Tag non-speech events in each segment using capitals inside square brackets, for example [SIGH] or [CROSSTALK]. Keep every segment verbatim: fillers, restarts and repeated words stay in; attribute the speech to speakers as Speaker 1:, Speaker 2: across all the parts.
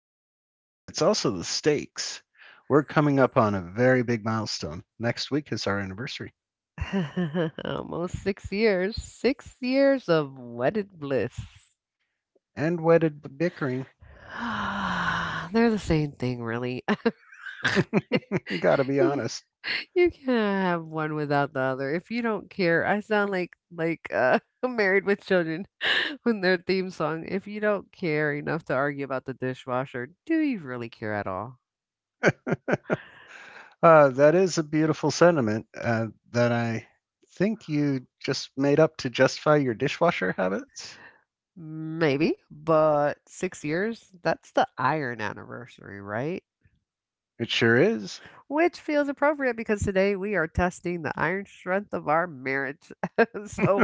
Speaker 1: coffee, but it's also the stakes. We're coming up on a very big milestone. Next week is our anniversary.
Speaker 2: [LAUGHS] Almost six years. Six years of wedded bliss.
Speaker 1: And wedded bickering,
Speaker 2: [SIGHS] They're the same thing, really. [LAUGHS]
Speaker 1: [LAUGHS] gotta be
Speaker 2: You
Speaker 1: honest.
Speaker 2: you can't have one without the other. If you don't care, I sound like like uh [LAUGHS] Married with Children [LAUGHS] when their theme song, if you don't care enough to argue about the dishwasher, do you really care at all?
Speaker 1: [LAUGHS] Uh, that is a beautiful sentiment uh, that I think you just made up to justify your dishwasher habits.
Speaker 2: Maybe, but six years, that's the iron anniversary, right?
Speaker 1: It sure is.
Speaker 2: Which feels appropriate because today we are testing the iron strength of our marriage. [LAUGHS] So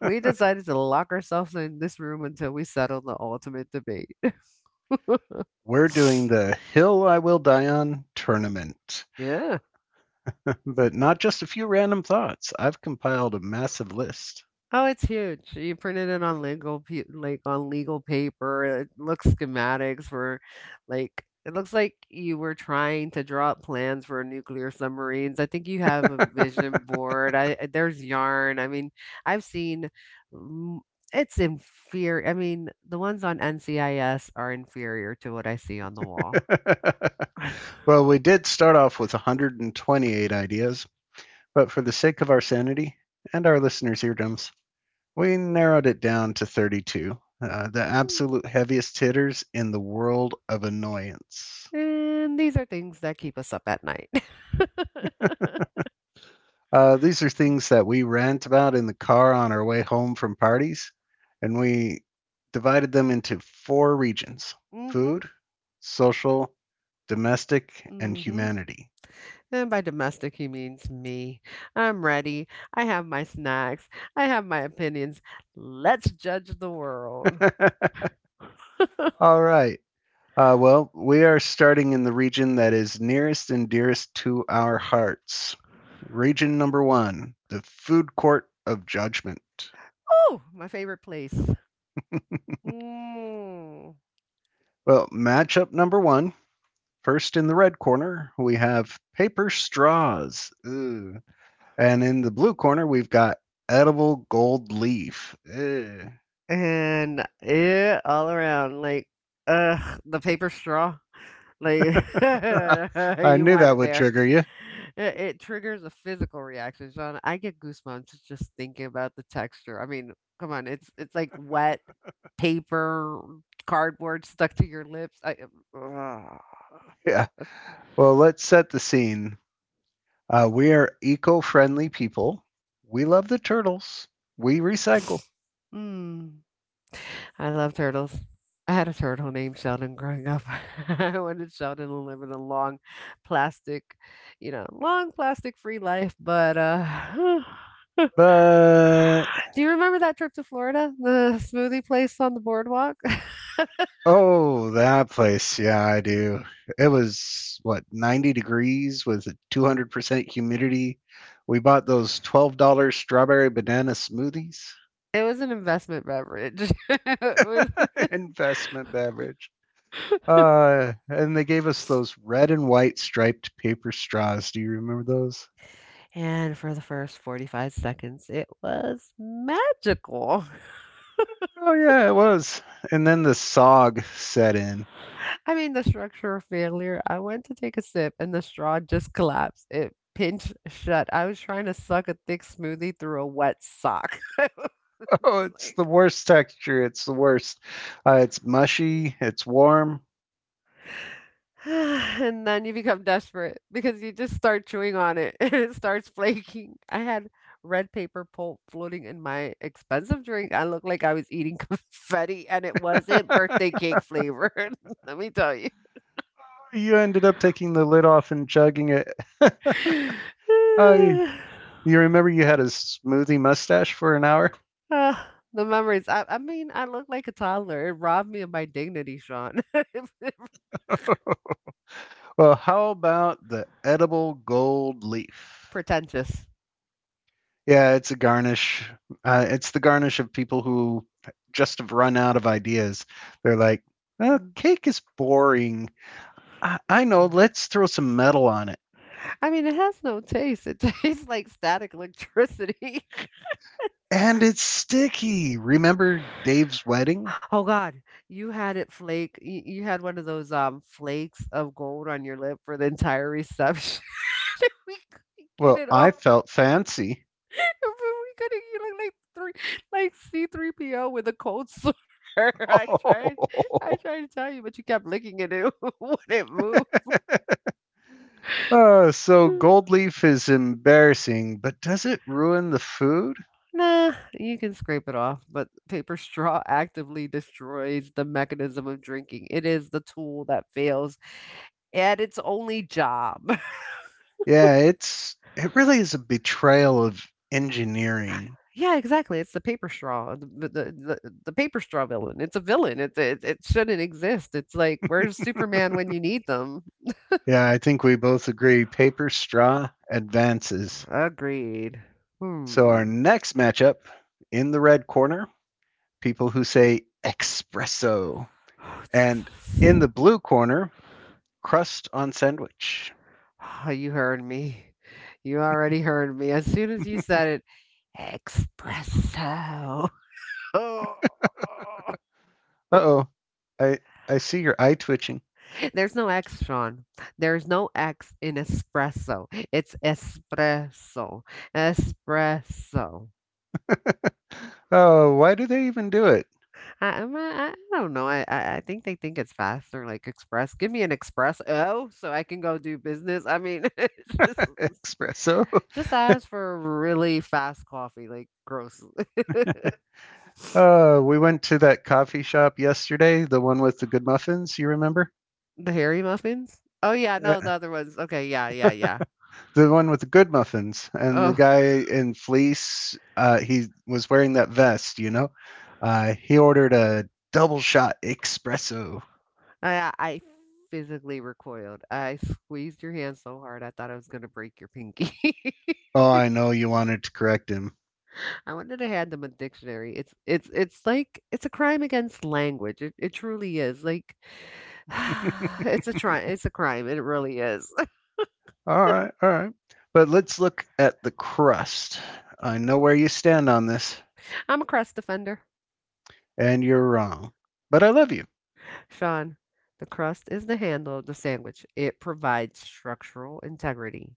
Speaker 2: we decided to lock ourselves in this room until we settle the ultimate debate.
Speaker 1: We're doing
Speaker 2: [LAUGHS]
Speaker 1: the Hill I Will Die On tournament,
Speaker 2: Yeah.
Speaker 1: [LAUGHS] but not just a few random thoughts. I've compiled a massive list.
Speaker 2: Oh, it's huge. You printed it on legal, pe- like on legal paper. It looks schematics for, like, it looks like you were trying to draw up plans for nuclear submarines. I think you have a vision board. I I- there's yarn. I mean, I've seen. mm, It's inferior. I mean, the ones on N C I S are inferior to what I see on the wall.
Speaker 1: [LAUGHS]
Speaker 2: [LAUGHS]
Speaker 1: well, we did start off with one hundred twenty-eight ideas, but for the sake of our sanity and our listeners' eardrums, we narrowed it down to thirty-two, uh, the absolute heaviest hitters in the world of annoyance.
Speaker 2: And these are things that keep us up at night. [LAUGHS]
Speaker 1: Uh, these are things that we rant about in the car on our way home from parties, and we divided them into four regions:
Speaker 2: Mm-hmm.
Speaker 1: food, social, domestic, and
Speaker 2: Mm-hmm.
Speaker 1: humanity.
Speaker 2: And by domestic, he means me. I'm ready. I have my snacks. I have my opinions. Let's judge the world.
Speaker 1: [LAUGHS] All right. Uh, well, we are starting in the region that is nearest and dearest to our hearts. Region number one, the food court of judgment.
Speaker 2: Oh, my favorite place. Mm.
Speaker 1: Well, matchup number one, first in the red corner, we have paper straws. Ew. And in the blue corner, we've got edible gold leaf. Ew.
Speaker 2: And yeah, all around, like, ugh, the paper straw. Like,
Speaker 1: [LAUGHS]
Speaker 2: [LAUGHS]
Speaker 1: I
Speaker 2: you
Speaker 1: knew
Speaker 2: went
Speaker 1: that would
Speaker 2: there.
Speaker 1: trigger you.
Speaker 2: It, it triggers a physical reaction, Sean. I get goosebumps just thinking about the texture. I mean, come on, it's it's like wet paper, cardboard stuck to your lips. I uh,
Speaker 1: Yeah. Well, let's set the scene. Uh, we are eco friendly people. We love the turtles. We recycle.
Speaker 2: Mm. I love turtles. I had a turtle named Sheldon growing up. [LAUGHS] I wanted Sheldon to live in a long plastic, you know, long plastic free life, but uh [SIGHS]
Speaker 1: But
Speaker 2: Do you remember that trip to Florida? The smoothie place on the boardwalk? [LAUGHS]
Speaker 1: oh, that place. Yeah, I do. It was what, ninety degrees with a two hundred percent humidity. We bought those twelve dollars strawberry banana smoothies,
Speaker 2: It was an investment beverage. [LAUGHS] It was- [LAUGHS]
Speaker 1: [LAUGHS] investment beverage. Uh, and they gave us those red and white striped paper straws. Do you remember those?
Speaker 2: And for the first forty-five seconds, it was magical.
Speaker 1: Oh, yeah, it was. And then the sog set in. [LAUGHS]
Speaker 2: I mean, the structure of failure. I went to take a sip and the straw just collapsed. It pinched shut. I was trying to suck a thick smoothie through a wet sock. [LAUGHS] I
Speaker 1: Oh,
Speaker 2: was
Speaker 1: it's the
Speaker 2: like,
Speaker 1: worst texture. It's the worst. Uh, it's mushy, it's warm.
Speaker 2: [SIGHS] and then you become desperate because you just start chewing on it [LAUGHS] and it starts flaking. I had red paper pulp floating in my expensive drink. I looked like I was eating [LAUGHS] confetti, and it wasn't
Speaker 1: [LAUGHS]
Speaker 2: birthday cake flavored. [LAUGHS] Let me tell you.
Speaker 1: you ended up taking the lid off and chugging it. [LAUGHS] I
Speaker 2: [SIGHS]
Speaker 1: you remember you had a smoothie mustache for an hour?
Speaker 2: Ugh, the memories. I I mean, I looked like a toddler. It robbed me of my dignity, Sean. [LAUGHS]
Speaker 1: Well, how about the edible gold leaf?
Speaker 2: Pretentious.
Speaker 1: Yeah, it's a garnish. Uh, it's the garnish of people who just have run out of ideas. They're like, oh,
Speaker 2: Mm.
Speaker 1: cake is boring. I, I know, let's throw some metal on it.
Speaker 2: I mean, it has no taste. It [LAUGHS] tastes like static electricity. [LAUGHS]
Speaker 1: And it's sticky. Remember Dave's wedding?
Speaker 2: Oh God, you had it flake. You, you had one of those um flakes of gold on your lip for the entire reception. [LAUGHS] We couldn't get
Speaker 1: Well,
Speaker 2: it
Speaker 1: I
Speaker 2: off.
Speaker 1: felt fancy.
Speaker 2: [LAUGHS] But we couldn't. You look like three, like C three P O with a cold sore. [LAUGHS] I tried. I
Speaker 1: Oh.
Speaker 2: tried to tell you, but you kept licking it. It [LAUGHS] wouldn't move.
Speaker 1: [LAUGHS] Oh, so
Speaker 2: Mm,
Speaker 1: gold leaf is embarrassing, but does it ruin the food?
Speaker 2: Nah, you can scrape it off, but paper straw [LAUGHS] actively destroys the mechanism of drinking. It is the tool that fails at its only job. [LAUGHS]
Speaker 1: Yeah, it's it really is a betrayal of engineering.
Speaker 2: Yeah, exactly. It's the paper straw, the, the, the, the the paper straw villain. It's a villain. It, it, it shouldn't exist. It's like, where's Superman when you need them?
Speaker 1: Yeah, I think we both agree paper straw advances.
Speaker 2: Agreed.
Speaker 1: So our
Speaker 2: Hmm.
Speaker 1: next matchup in the red corner, people who say espresso, and
Speaker 2: [SIGHS]
Speaker 1: in the blue corner, crust on sandwich.
Speaker 2: Ah, you heard me. You already heard me. As soon as you said it, espresso. [LAUGHS] Oh.
Speaker 1: Uh-oh. I I see your eye twitching.
Speaker 2: There's no X, Sean. There's no X in espresso. It's espresso. Espresso.
Speaker 1: [LAUGHS] oh, why do they even do it?
Speaker 2: I, I'm- I, I don't know. I, I I think they think it's faster, like express. Give me an express O so I can go do business. I mean, [LAUGHS] it's just,
Speaker 1: [LAUGHS] espresso.
Speaker 2: just ask for really fast coffee, like gross. [LAUGHS]
Speaker 1: Uh, we went to that coffee shop yesterday, the one with the good muffins. You remember?
Speaker 2: The hairy muffins? Oh, yeah.
Speaker 1: Uh,
Speaker 2: No, the other ones. Okay. Yeah, yeah, yeah.
Speaker 1: The one with the good muffins, and the
Speaker 2: Oh.
Speaker 1: guy in fleece. Uh, he was wearing that vest. You know, uh, he ordered a double shot espresso.
Speaker 2: I I physically recoiled. I squeezed your hand so hard I thought I was gonna break your pinky. [LAUGHS]
Speaker 1: Oh, I know you wanted to correct him.
Speaker 2: I wanted to hand them a dictionary. It's it's it's like it's a crime against language. It it truly is. Like
Speaker 1: [LAUGHS] All
Speaker 2: [SIGHS] it's a try it's a crime. It really is. [LAUGHS]
Speaker 1: right, all right. But let's look at the crust. I know where you stand on this,
Speaker 2: I'm a crust defender.
Speaker 1: and you're wrong. But I love you.
Speaker 2: Sean, the crust is the handle of the sandwich. It provides structural integrity.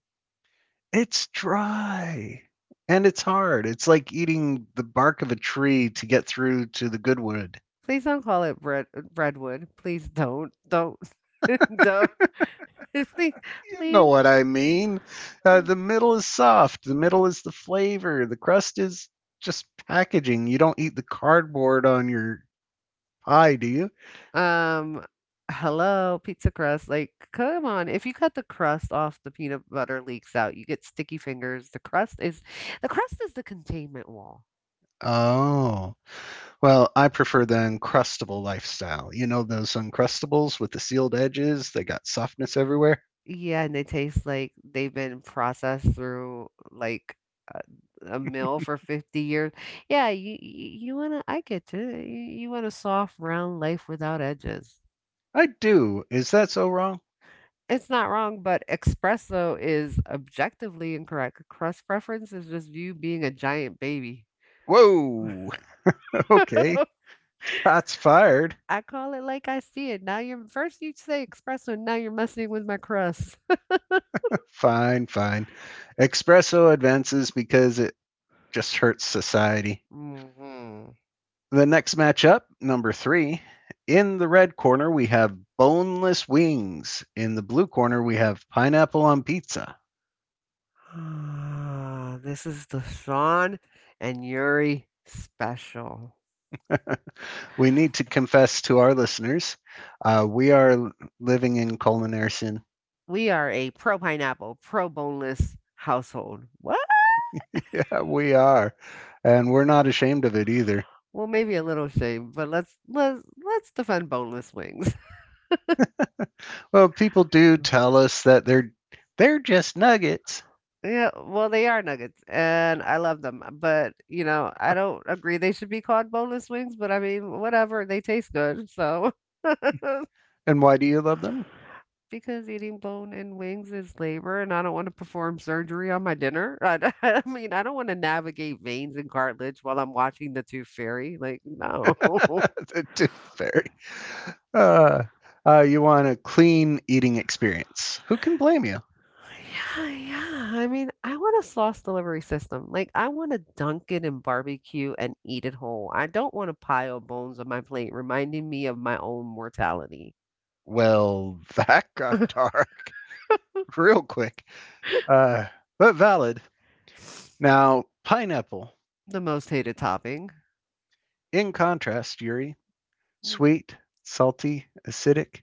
Speaker 1: It's dry, and it's hard. It's like eating the bark of a tree to get through to the good wood.
Speaker 2: Please don't call it bread breadwood. Please don't. Don't. [LAUGHS] Don't. [LAUGHS] Please
Speaker 1: You know
Speaker 2: please
Speaker 1: what I mean. Uh, the middle is soft, the middle is the flavor, the crust is just packaging. You don't eat the cardboard on your pie, do you?
Speaker 2: Um, hello, pizza crust. Like, come on. If you cut the crust off, the peanut butter leaks out. You get sticky fingers. The crust is the crust is the containment wall.
Speaker 1: Oh. Well, I prefer the Uncrustable lifestyle. You know those Uncrustables with the sealed edges? They got softness everywhere?
Speaker 2: Yeah, and they taste like they've been processed through like a, a mill for fifty years. Yeah, you you you wanna I get you. You want a soft, round life without edges.
Speaker 1: I do. Is that so wrong?
Speaker 2: It's not wrong, but espresso is objectively incorrect. Crust preference is just you being a giant baby.
Speaker 1: Whoa! Okay.
Speaker 2: [LAUGHS]
Speaker 1: Shots fired.
Speaker 2: I call it like I see it. Now you're first you say espresso, now you're messing with my crust. [LAUGHS]
Speaker 1: [LAUGHS] fine, fine. Espresso advances because it just hurts society.
Speaker 2: Mm-hmm.
Speaker 1: The next matchup, number three. In the red corner, we have boneless wings. In the blue corner, we have pineapple on pizza.
Speaker 2: Ah, this is the Sean and Yuri special.
Speaker 1: We need to confess to our listeners uh, we are living in culinary sin. [LAUGHS]
Speaker 2: We are a pro pineapple, pro boneless household. What?
Speaker 1: Yeah, we are. And we're not ashamed of it either.
Speaker 2: Well, maybe a little shame, but let's let's let's defend boneless wings. [LAUGHS]
Speaker 1: Well, people do tell us that they're they're just nuggets.
Speaker 2: Yeah, well, they are nuggets, and I love them. But you know, I don't agree they should be called boneless wings. But I mean, whatever, they taste good. So, [LAUGHS]
Speaker 1: And why do you love them?
Speaker 2: because eating bone and wings is labor, and I don't want to perform surgery on my dinner. [LAUGHS] I, I mean, I don't want to navigate veins and cartilage while I'm watching The Tooth Fairy. Like,
Speaker 1: [LAUGHS]
Speaker 2: no. [LAUGHS]
Speaker 1: the tooth fairy. Uh, uh, you want a clean eating experience. Who can blame you?
Speaker 2: Yeah, yeah. I mean, I want a sauce delivery system. Like, I want to dunk it in barbecue and eat it whole. I don't want to pile bones on my plate, reminding me of my own mortality.
Speaker 1: Well, [LAUGHS] that got
Speaker 2: [LAUGHS]
Speaker 1: dark real quick, uh, but valid. Now, pineapple,
Speaker 2: The most hated topping.
Speaker 1: in contrast, Yuri,
Speaker 2: Mm.
Speaker 1: sweet, salty, acidic.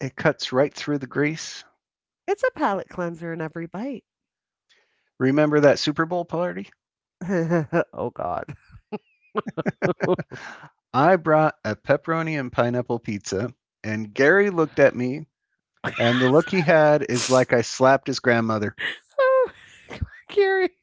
Speaker 1: It cuts right through the grease.
Speaker 2: It's a palate cleanser in every bite.
Speaker 1: Remember that Super Bowl party?
Speaker 2: [LAUGHS] Oh, God.
Speaker 1: [LAUGHS] I brought a pepperoni and pineapple pizza, and Gary looked at me. And the look he had is like I slapped his grandmother.
Speaker 2: Oh, Gary. [LAUGHS]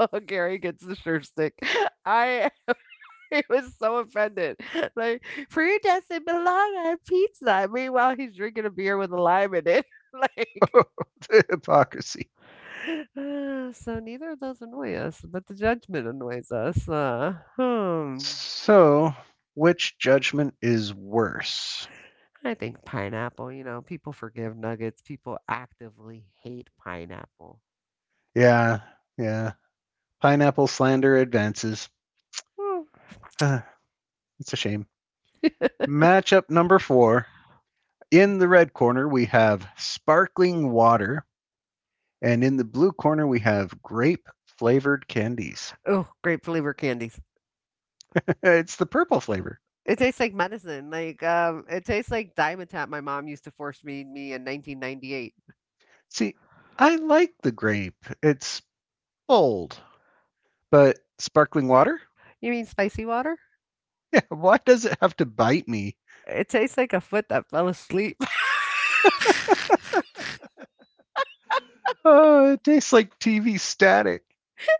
Speaker 2: Oh, Gary gets the sure stick. I [LAUGHS] he was so offended. [LAUGHS] Like, fruit doesn't belong on pizza. Meanwhile, he's drinking a beer with a lime in it. [LAUGHS] Like,
Speaker 1: [LAUGHS] the hypocrisy.
Speaker 2: [SIGHS] uh, so neither of those annoy us, but the judgment annoys us. Uh, hmm.
Speaker 1: So, which judgment is worse?
Speaker 2: I think pineapple, you know, people forgive nuggets. People actively hate pineapple.
Speaker 1: Yeah, yeah. Pineapple slander advances.
Speaker 2: Hmm.
Speaker 1: Uh, it's a shame. Matchup number four. In the red corner, we have sparkling water. And in the blue corner, we have grape flavored candies.
Speaker 2: Oh, grape flavor candies.
Speaker 1: [LAUGHS] it's the purple flavor.
Speaker 2: It tastes like medicine, like, um, it tastes like Dimetapp my mom used to force feed me in nineteen ninety-eight.
Speaker 1: See, I like the grape. It's bold. But sparkling water?
Speaker 2: "You mean spicy water?"
Speaker 1: Why does it have to bite me?
Speaker 2: It tastes like a foot that fell asleep. [LAUGHS]
Speaker 1: Oh, it tastes like T V static.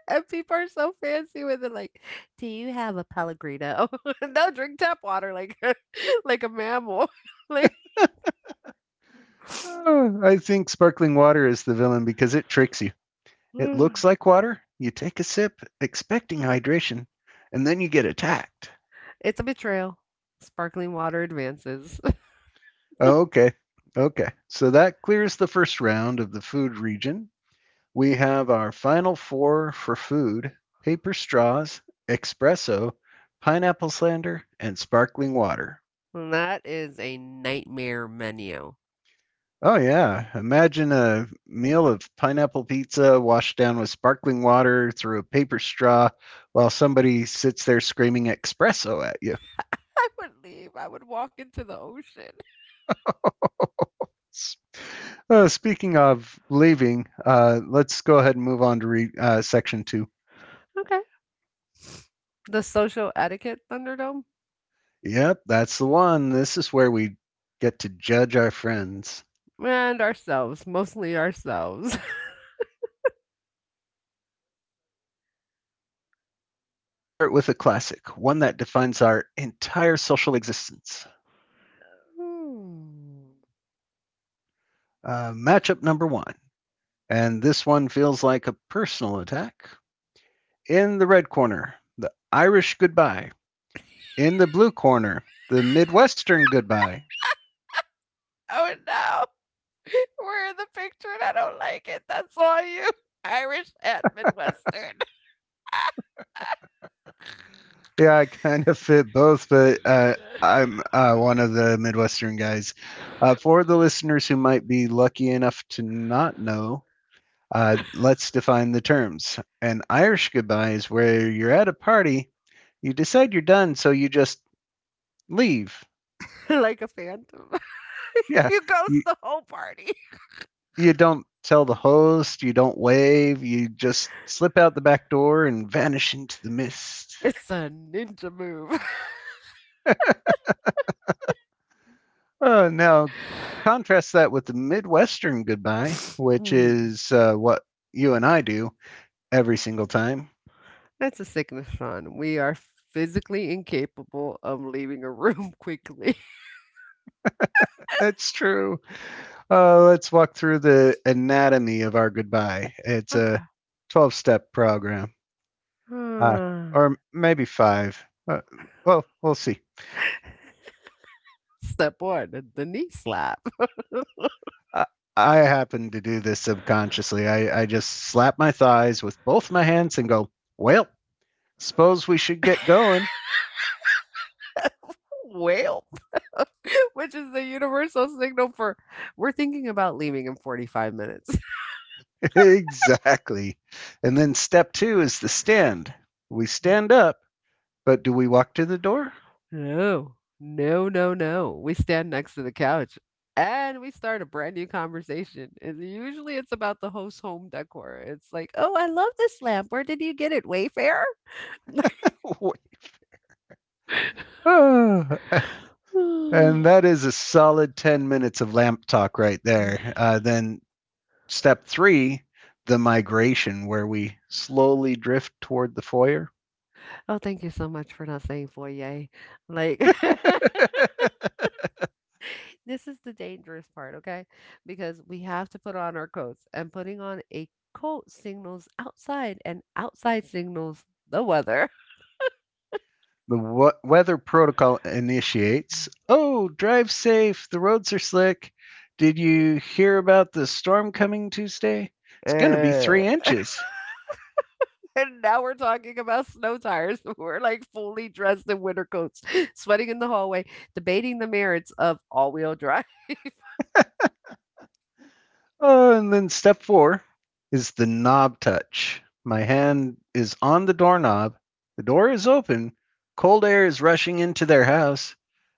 Speaker 2: And people are so fancy with it, like, "Do you have a Pellegrino?" [LAUGHS] "No, drink tap water like [LAUGHS] like a mammal." [LAUGHS] Like,
Speaker 1: Oh, I think sparkling water is the villain because it tricks you.
Speaker 2: [SIGHS]
Speaker 1: It looks like water. You take a sip, expecting hydration, and then you get attacked.
Speaker 2: it's a betrayal. Sparkling water advances. [LAUGHS]
Speaker 1: Oh, okay. Okay. So that clears the first round of the food region. We have our final four for food: paper straws, espresso, pineapple slander, and sparkling water.
Speaker 2: And that is a nightmare menu.
Speaker 1: Oh yeah. Imagine a meal of pineapple pizza washed down with sparkling water through a paper straw while somebody sits there screaming espresso at you.
Speaker 2: I would leave, I would walk into the ocean.
Speaker 1: S- Uh, speaking of leaving, uh, let's go ahead and move on to re- uh, section two.
Speaker 2: [LAUGHS] Okay. The social etiquette Thunderdome?
Speaker 1: Yep, that's the one. This is where we get to judge our friends.
Speaker 2: And ourselves, mostly ourselves. [LAUGHS]
Speaker 1: Let's start with a classic, one that defines our entire social existence.
Speaker 2: Hmm.
Speaker 1: Uh, matchup number one. And this one feels like a personal attack. In the red corner, the Irish goodbye. In the blue corner, the Midwestern goodbye.
Speaker 2: Oh no, [LAUGHS] we're in the picture and I don't like it. That's all you. Irish and Midwestern.
Speaker 1: Yeah, I kind of fit both, but uh,
Speaker 2: [LAUGHS]
Speaker 1: I'm uh, one of the Midwestern guys. Uh, for the listeners who might be lucky enough to not know, uh, let's define the terms. An Irish goodbye is where you're at a party, you decide you're done, so you just leave.
Speaker 2: Like a phantom. [LAUGHS]
Speaker 1: Yeah,
Speaker 2: You ghost the whole party.
Speaker 1: you don't tell the host, you don't wave, you just slip out the back door and vanish into the mist.
Speaker 2: It's a ninja move.
Speaker 1: Uh, now, contrast that with the Midwestern goodbye,
Speaker 2: [LAUGHS]
Speaker 1: which
Speaker 2: Mhm.
Speaker 1: is uh, what you and I do every single time.
Speaker 2: That's a sickness, Sean. We are physically incapable of leaving a room [LAUGHS] quickly.
Speaker 1: That's true. Uh, let's walk through the anatomy of our goodbye. It's
Speaker 2: Okay.
Speaker 1: a
Speaker 2: [SIGHS]
Speaker 1: twelve step program, uh,
Speaker 2: Ah,
Speaker 1: or maybe five. Uh, well, we'll see.
Speaker 2: step one, the, the knee slap,
Speaker 1: I, I happen to do this subconsciously. I, I just slap my thighs with both my hands and go, well, suppose we should get going.
Speaker 2: [LAUGHS] wail, [LAUGHS] which is the universal signal for we're thinking about leaving in forty-five minutes. [LAUGHS]
Speaker 1: [LAUGHS] exactly. And then step two is the stand. We stand up, but do we walk to the door?
Speaker 2: No, no, no, no. We stand next to the couch and we start a brand new conversation. And usually it's about the host home decor. It's like, oh, I love this lamp. Where did you get it? Wayfair? [LAUGHS]
Speaker 1: [LAUGHS] Ah,
Speaker 2: [SIGHS] Oh,
Speaker 1: and that is a solid ten minutes of lamp talk right there. Uh, then step three, the migration, where we slowly drift toward the foyer.
Speaker 2: thank you so much for not saying foyer. Like, [LAUGHS]
Speaker 1: [LAUGHS]
Speaker 2: this is the dangerous part, okay? Because we have to put on our coats, and putting on a coat signals outside, and outside signals the weather. [LAUGHS]
Speaker 1: The w- weather protocol initiates. Oh, drive safe. The roads are slick. Did you hear about the storm coming Tuesday? It's going to be
Speaker 2: Uh,
Speaker 1: three inches.
Speaker 2: And now we're talking about snow tires. [LAUGHS] We're like fully dressed in winter coats, [LAUGHS] sweating in the hallway, debating the merits of all wheel drive. [LAUGHS]
Speaker 1: Oh, and then step four is the knob touch. My hand is on the doorknob. The door is open. Cold air is rushing into their house,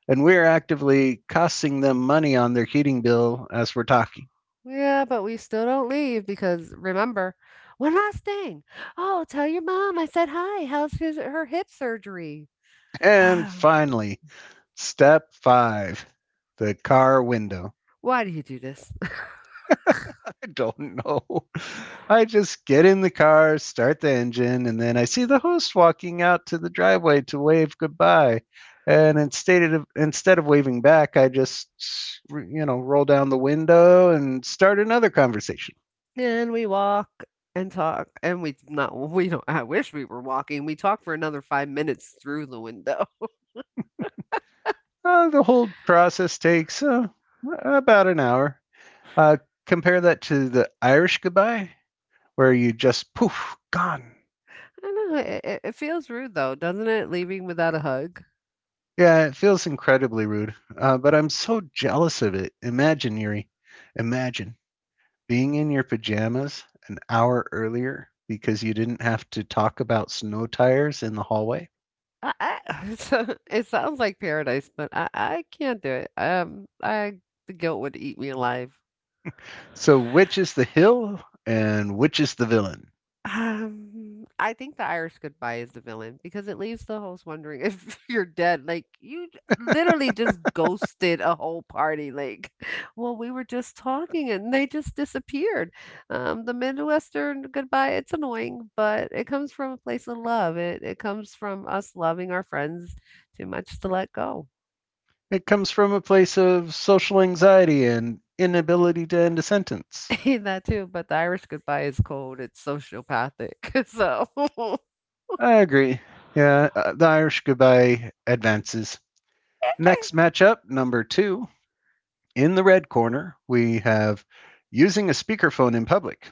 Speaker 1: and we're actively costing them money on their heating bill as we're talking.
Speaker 2: Yeah, but we still don't leave because remember, one last thing. Oh, tell your mom I said hi. How's his her hip surgery? [SIGHS]
Speaker 1: And finally, step five, the car window.
Speaker 2: Why do you do this?
Speaker 1: [LAUGHS] I don't know. I just get in the car, start the engine, and then I see the host walking out to the driveway to wave goodbye. And instead of instead of waving back, I just you know roll down the window and start another conversation.
Speaker 2: And we walk and talk, and we not we don't I wish we were walking. We talk for another five minutes through the window.
Speaker 1: Uh, the whole process takes uh, about an hour. Uh, compare that to the Irish goodbye, where you just poof gone.
Speaker 2: [LAUGHS] I know, it it it feels rude though, doesn't it, leaving without a hug?
Speaker 1: Yeah, it feels incredibly rude, uh, but I'm so jealous of it. Imaginary, imagine. Being in your pajamas an hour earlier because you didn't have to talk about snow tires in the hallway.
Speaker 2: I I [LAUGHS] so it sounds like paradise, but I I can't do it. Um, I the guilt would eat me alive.
Speaker 1: So, which is the hill and which is the villain?
Speaker 2: Um, I think the Irish goodbye is the villain because it leaves the host wondering if [LAUGHS] you're dead. Like you j- literally just ghosted a whole party. Like, [LAUGHS] well, we were just talking and they just disappeared. Um, the Midwestern goodbye, it's annoying, but it comes from a place of love. It it comes from us loving our friends too much to let go.
Speaker 1: It comes from a place of social anxiety and inability to end a sentence.
Speaker 2: [LAUGHS] That too, but the Irish goodbye is cold. It's sociopathic. [LAUGHS] So
Speaker 1: I agree. Yeah, uh, the Irish goodbye advances. Next matchup, number two. In the red corner, we have using a speakerphone in public.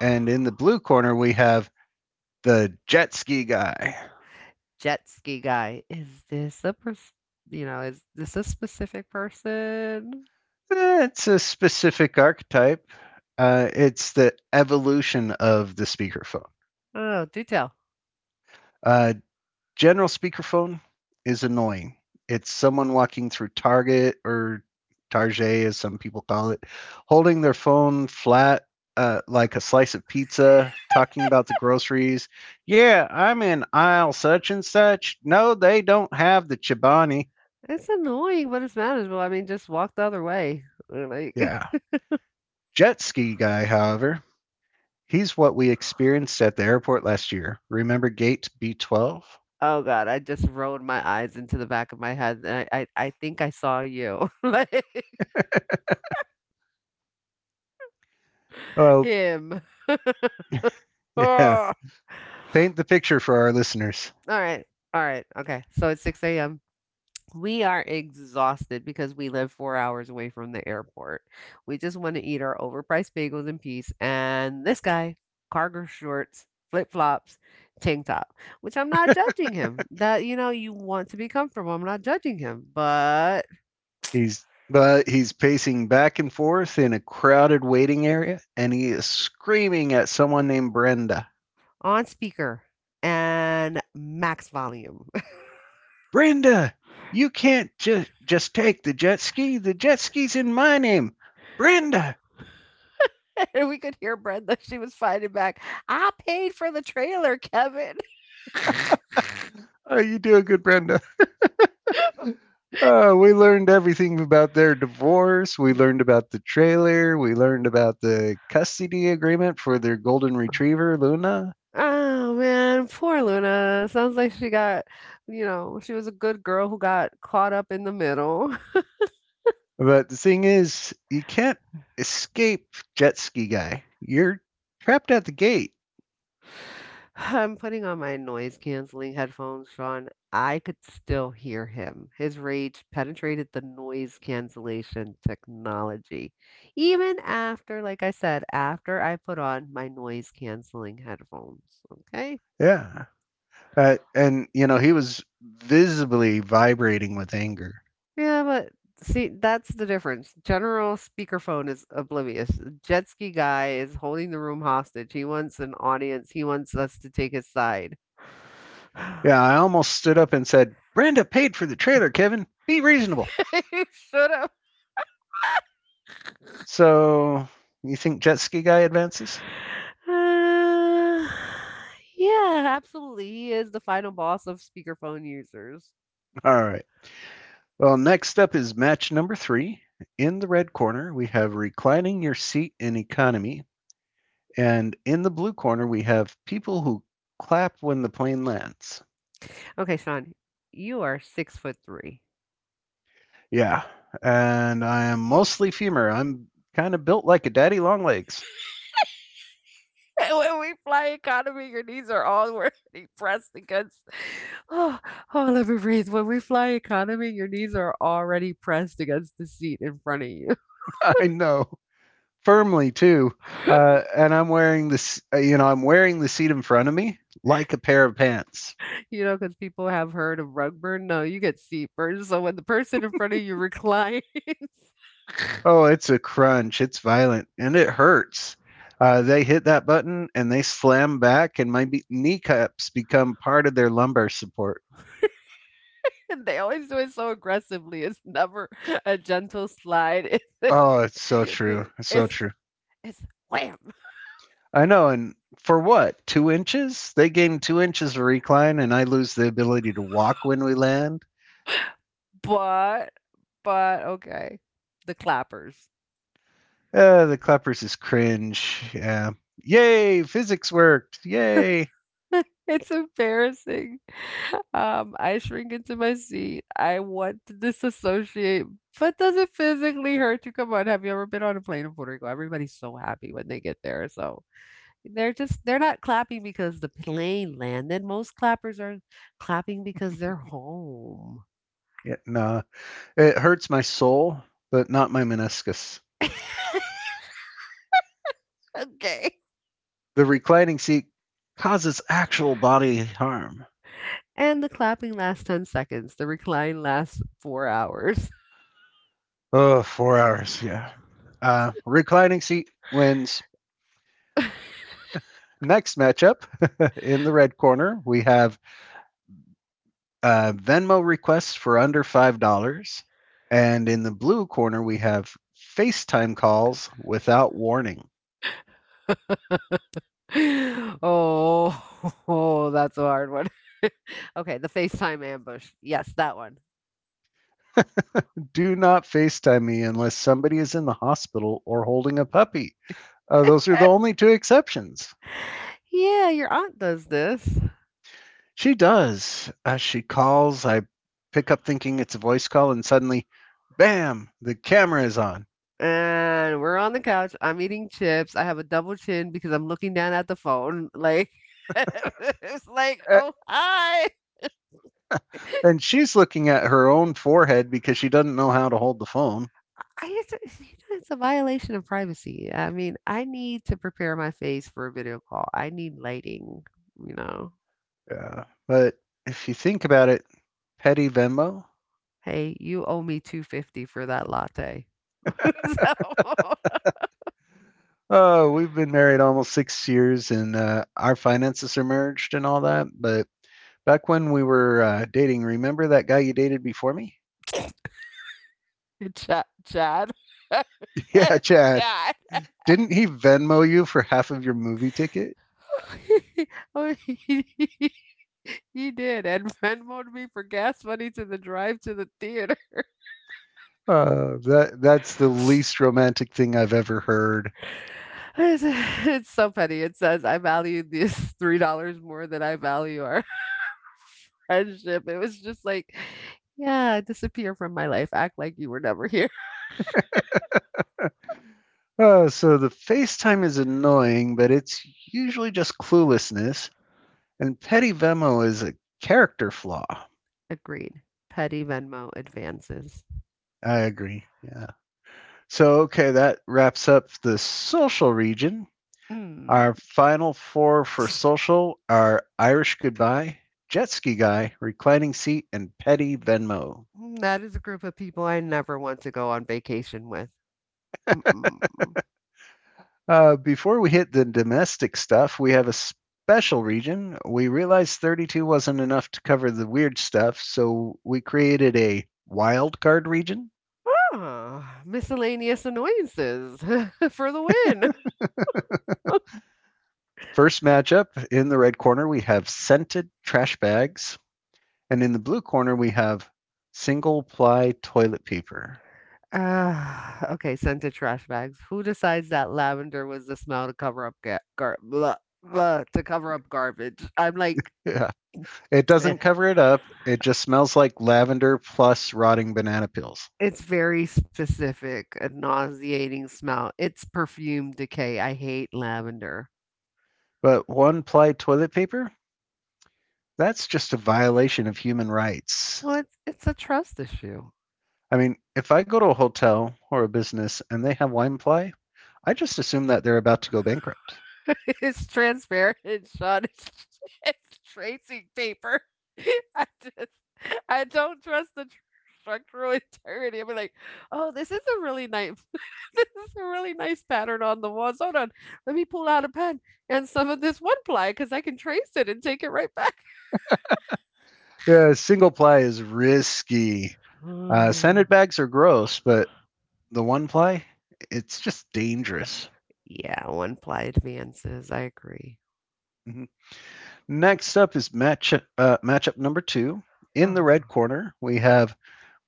Speaker 1: And in
Speaker 2: [SIGHS]
Speaker 1: the blue corner, we have the jet ski guy.
Speaker 2: jet ski guy. Is this a pers- you know, is this a specific person?
Speaker 1: Eh, it's a specific archetype. Uh, it's the evolution of the speakerphone.
Speaker 2: I don't know. Do tell.
Speaker 1: Uh, general speakerphone is annoying. It's someone walking through Target or Target, as some people call it, holding their phone flat uh, like a slice of pizza, talking about the groceries. Yeah, I'm in aisle such and such. No, they don't have the Chobani.
Speaker 2: It's annoying, but it's manageable. I mean, just walk the other way. [LAUGHS] Like,
Speaker 1: Yeah. Jet ski guy, however, he's what we experienced at the airport last year. Remember gate B twelve?
Speaker 2: oh God, I just rolled my eyes into the back of my head. And I, I, I think I saw you, [LAUGHS] like
Speaker 1: Oh,
Speaker 2: him.
Speaker 1: yeah.
Speaker 2: Ah.
Speaker 1: [LAUGHS] Paint the picture for our listeners.
Speaker 2: All right, all right, okay. So it's six a m. We are exhausted because we live four hours away from the airport. We just wanna eat our overpriced bagels in peace, and this guy, cargo shorts, flip-flops, tank top, which I'm not
Speaker 1: [LAUGHS]
Speaker 2: judging him. That you know, you want to be comfortable, I'm not judging him, but
Speaker 1: he's but he's pacing back and forth in a crowded waiting area and he is screaming at someone named Brenda.
Speaker 2: on speaker and max volume. [LAUGHS]
Speaker 1: Brenda, you can't just just take the jet ski. The jet ski's in my name. Brenda.
Speaker 2: And we could hear Brenda, she was fighting back, "I paid for the trailer, Kevin."
Speaker 1: Oh, you do a good Brenda.
Speaker 2: [LAUGHS]
Speaker 1: Uh, we learned everything about their divorce. We learned about the trailer. We learned about the custody agreement for their golden retriever, Luna.
Speaker 2: Oh, man, poor Luna. Sounds like she got, you know, she was a good girl who got caught up in the middle. [LAUGHS]
Speaker 1: But the thing is, you can't escape jet ski guy. You're trapped at the gate.
Speaker 2: [SIGHS] I'm putting on my noise canceling headphones, Sean. I could still hear him. His rage penetrated the noise cancellation technology. Even after, like I said, after I put on my noise canceling headphones. Okay.
Speaker 1: Yeah. Uh, and, you know, he was visibly vibrating with anger.
Speaker 2: Yeah, but see, that's the difference. General speakerphone is oblivious. Jet ski guy is holding the room hostage. He wants an audience. He wants us to take his side. [SIGHS] [LAUGHS]
Speaker 1: Yeah, I almost stood up and said, Brenda paid for the trailer, Kevin. Be reasonable.
Speaker 2: You should have. [SIGHS]
Speaker 1: So, you think jet ski guy advances?
Speaker 2: Uh, yeah, absolutely. He is the final boss of speakerphone users.
Speaker 1: All right. Well, next up is match number three. In the red corner, we have reclining your seat in economy. And in the blue corner, we have people who clap when the plane lands.
Speaker 2: Okay, Sean, you are six foot three.
Speaker 1: Yeah. And I am mostly femur. I'm kind of built like a daddy long legs.
Speaker 2: [LAUGHS] When we fly economy, your knees are already [LAUGHS] pressed against. [SIGHS] Oh, oh, let me breathe. When we fly economy, your knees are already pressed against the seat in front of you.
Speaker 1: [LAUGHS] I know. Firmly, too. Uh,
Speaker 2: [LAUGHS]
Speaker 1: and I'm wearing this, uh, you know, I'm wearing the seat in front of me like a pair of pants.
Speaker 2: You know, because people have heard of rug burn. No, you get seat burn. So when the person in front of you reclines,
Speaker 1: Oh, it's a crunch. It's violent and it hurts. Uh, they hit that button and they slam back, and my be- kneecaps become part of their lumbar support.
Speaker 2: [LAUGHS] and they always do it so aggressively, it's never a gentle slide. [LAUGHS]
Speaker 1: Oh, it's so
Speaker 2: It's
Speaker 1: true.
Speaker 2: it's
Speaker 1: It's so
Speaker 2: it's,
Speaker 1: true.
Speaker 2: it's wham.
Speaker 1: I know. And for what? Two inches? They gain two inches of recline, and I lose the ability to walk when we land.
Speaker 2: But but okay, the clappers.
Speaker 1: Uh, the clappers is cringe. Yeah. Yay, physics worked. Yay.
Speaker 2: [LAUGHS] It's embarrassing. Um, I shrink into my seat. I want to disassociate, but does it physically hurt to come on? Have you ever been on a plane in Puerto Rico? Everybody's so happy when they get there. So they're just they're not clapping because the plane landed. Most clappers are clapping because they're home.
Speaker 1: Yeah, no, it hurts my soul, but not my meniscus.
Speaker 2: [LAUGHS] Okay.
Speaker 1: The reclining seat causes actual body harm.
Speaker 2: And the clapping lasts ten seconds. The recline lasts four hours.
Speaker 1: Oh, four hours, yeah. Uh, reclining seat wins.
Speaker 2: [LAUGHS]
Speaker 1: Next matchup [LAUGHS] in the red corner, we have uh, Venmo requests for under five dollars. And in the blue corner, we have FaceTime calls without warning.
Speaker 2: Oh, [LAUGHS] oh, that's a hard one. Okay, the FaceTime ambush. Yes, that one.
Speaker 1: Do not FaceTime me unless somebody is in the hospital or holding a puppy. Uh, those are the only two exceptions.
Speaker 2: Yeah, your aunt does this.
Speaker 1: She does. As she calls, I pick up thinking it's a voice call, and suddenly, bam, the camera is on.
Speaker 2: And we're on the couch. I'm eating chips. I have a double chin because I'm looking down at the phone. Like, [LAUGHS] it's like,
Speaker 1: Uh,
Speaker 2: oh, hi. I,
Speaker 1: And she's looking at her own forehead because she doesn't know how to hold the phone.
Speaker 2: it's, a- you know, it's a violation of privacy. I mean, I need to prepare my face for a video call. I need lighting, you know.
Speaker 1: Yeah. But if you think about it, petty Venmo.
Speaker 2: Hey, you owe me two fifty for that latte. [LAUGHS] So,
Speaker 1: Oh, we've been married almost six years, and uh, our finances are merged and all that. But back when we were uh, dating, remember that guy you dated before me?
Speaker 2: [LAUGHS] Chad, Chad, [LAUGHS]
Speaker 1: [LAUGHS] Yeah, Chad.
Speaker 2: Chad.
Speaker 1: Didn't he Venmo you for half of your movie ticket?
Speaker 2: [LAUGHS] Oh, he he he did, and Venmoed me for gas money to the drive to the theater. [LAUGHS]
Speaker 1: Uh, that that's the least romantic thing I've ever heard.
Speaker 2: It's it's so petty. It says, "I value these three dollars more than I value our [LAUGHS] friendship." It was just like, "Yeah, disappear from my life. Act like you were never here."
Speaker 1: Uh, so the FaceTime is annoying, but it's usually just cluelessness. And petty Venmo is a character flaw.
Speaker 2: [LAUGHS] Agreed. Petty Venmo advances.
Speaker 1: I agree. Yeah. So, okay, that wraps up the social region.
Speaker 2: Mm,
Speaker 1: Our final four for social are Irish Goodbye, Jet Ski Guy, Reclining Seat, and Petty Venmo.
Speaker 2: that is a group of people I never want to go on vacation with. Mm-mm.
Speaker 1: Uh, before we hit the domestic stuff, we have a special region. We realized thirty-two wasn't enough to cover the weird stuff, so we created a wild card region.
Speaker 2: Ah, miscellaneous annoyances [LAUGHS] for the win.
Speaker 1: First matchup in the red corner, we have scented trash bags, and in the blue corner, we have single ply toilet paper.
Speaker 2: Ah, okay, sent to trash bags. Who decides that lavender was the smell to cover up ga- gar- blah, blah, to cover up garbage? I'm like,
Speaker 1: Yeah, it
Speaker 2: eh,
Speaker 1: doesn't cover it up. It just smells like lavender plus rotting banana peels.
Speaker 2: it's very specific, a nauseating smell. It's perfume decay. I hate lavender.
Speaker 1: But one ply toilet paper, that's just a violation of human rights.
Speaker 2: Well, it's, it's a trust issue.
Speaker 1: I mean, if I go to a hotel or a business and they have wine ply, I just assume that they're about to go bankrupt.
Speaker 2: [LAUGHS] It's transparent, Sean. It's [LAUGHS] it's tracing paper. [LAUGHS] I just I don't trust the tr- structural [LAUGHS] integrity. I'm like, oh, this is a really nice [LAUGHS] this is a really nice pattern on the walls. Hold on. Let me pull out a pen and some of this one ply because I can trace it and take it right back.
Speaker 1: Yeah, single ply is risky. Uh,
Speaker 2: [SIGHS]
Speaker 1: sanded bags are gross, but the one ply, it's just dangerous.
Speaker 2: Yeah, one ply advances. I agree.
Speaker 1: Mhm. Next up is match, uh, matchup number two. In the red
Speaker 2: [SIGHS]
Speaker 1: corner, we have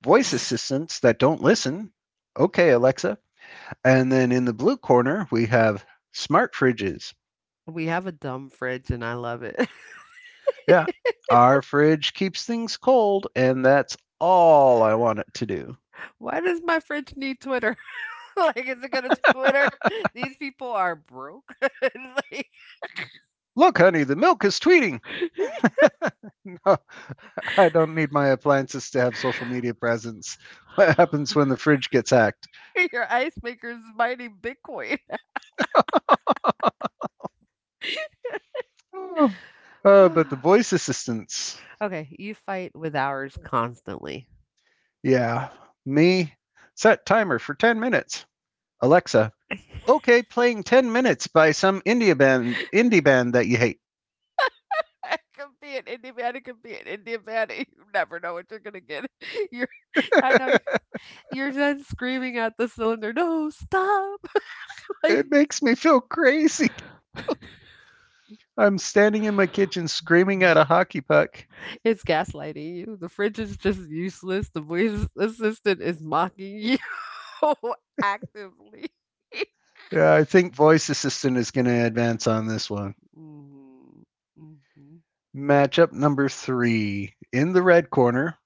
Speaker 1: voice assistants that don't listen. Okay, Alexa. And then in the blue corner, we have smart fridges.
Speaker 2: We have a dumb fridge and I love it.
Speaker 1: Yeah, our fridge keeps things cold, and that's all I want it to do.
Speaker 2: [LAUGHS] Why does my fridge need Twitter? [LAUGHS] Like, is it gonna Twitter? These people are broke. [LAUGHS] It's
Speaker 1: Look, honey, the milk is tweeting. [LAUGHS]
Speaker 2: like,
Speaker 1: No, I don't need my appliances to have social media presence. [LAUGHS] What
Speaker 2: [LAUGHS]
Speaker 1: happens when the fridge gets hacked?
Speaker 2: your ice maker is mining Bitcoin.
Speaker 1: Oh, uh, but the voice
Speaker 2: [SIGHS]
Speaker 1: assistants,
Speaker 2: Okay, you fight with ours constantly.
Speaker 1: yeah, me. Set timer for ten minutes. Alexa,
Speaker 2: [LAUGHS] I
Speaker 1: okay, playing ten minutes by some indie band, indie band that you hate.
Speaker 2: Could be an Indian man. It could be an Indian man. You never know what you're gonna get. [LAUGHS] You're, I know
Speaker 1: [LAUGHS]
Speaker 2: y- You're then screaming at the cylinder, "No, stop!" [LAUGHS] Like
Speaker 1: It makes me feel crazy. I'm standing in my kitchen screaming at a hockey puck.
Speaker 2: it's gaslighting you. The fridge is just useless. The voice assistant is mocking you [LAUGHS] actively. [LAUGHS]
Speaker 1: Yeah, I think voice assistant is going to advance on this one.
Speaker 2: Mhm, mhm.
Speaker 1: Matchup number three in the red corner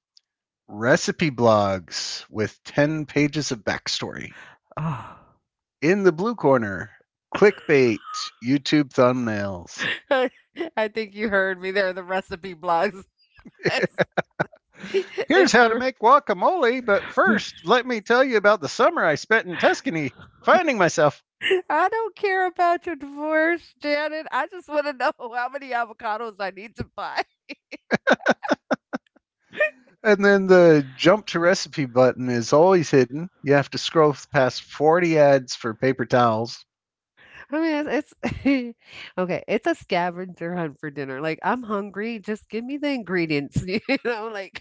Speaker 1: recipe blogs with ten pages of backstory.
Speaker 2: Ah.
Speaker 1: In the blue corner,
Speaker 2: [SIGHS]
Speaker 1: clickbait, YouTube thumbnails.
Speaker 2: [LAUGHS] I I think you heard me there, the recipe blogs. [LAUGHS] It's
Speaker 1: Here's
Speaker 2: it's
Speaker 1: how to
Speaker 2: the
Speaker 1: make guacamole, but first,
Speaker 2: [LAUGHS]
Speaker 1: let me tell you about the summer I spent in Tuscany finding myself.
Speaker 2: I don't care about your divorce, Janet. I just want to know [LAUGHS] how many avocados I need to buy.
Speaker 1: And then the jump to recipe button is always hidden. You have to scroll past forty ads for paper towels.
Speaker 2: [LAUGHS] I mean, it's, it's [LAUGHS] okay. It's a scavenger hunt for dinner. Like I'm hungry, just give me the ingredients. [LAUGHS] You know, like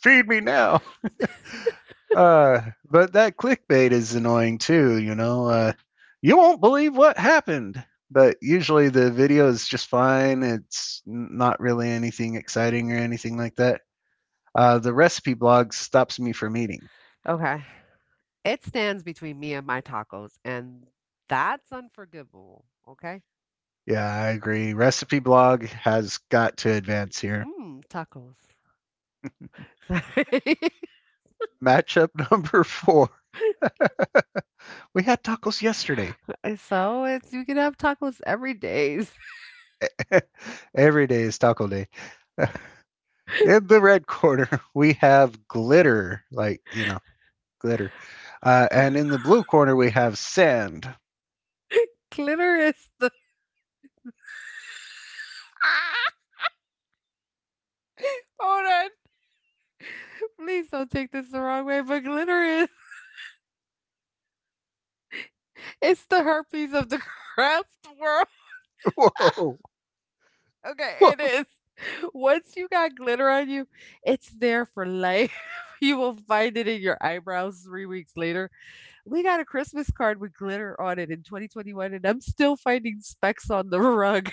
Speaker 1: Feed me now. Uh, but that clickbait is annoying too, you know. Uh, you won't believe what happened. But usually the video is just fine. It's not really anything exciting or anything like that. Uh, the recipe blog stops me from eating.
Speaker 2: okay, it stands between me and my tacos, and that's unforgivable. Okay,
Speaker 1: Yeah, I agree. Recipe blog has got to advance here.
Speaker 2: mm, tacos. Sorry. [LAUGHS]
Speaker 1: Matchup [LAUGHS] number four. We had tacos yesterday.
Speaker 2: So it's you can have tacos every day. [LAUGHS] Days.
Speaker 1: [LAUGHS] Every day is taco day. [LAUGHS] In the red corner, [LAUGHS] we have glitter, like, you know, glitter. Uh, and in the blue corner, we have sand.
Speaker 2: Clitoris the ah! [LAUGHS] Hold on. Please don't take this the wrong way, but clitoris it's the herpes of the craft world.
Speaker 1: [LAUGHS]
Speaker 2: [LAUGHS]
Speaker 1: Whoa.
Speaker 2: Okay, it
Speaker 1: Whoa.
Speaker 2: is. Once you got glitter on you, it's there for life. [LAUGHS] You will find it in your eyebrows three weeks later. We got a Christmas card with glitter on it in twenty twenty-one, and I'm still finding specks on the rug.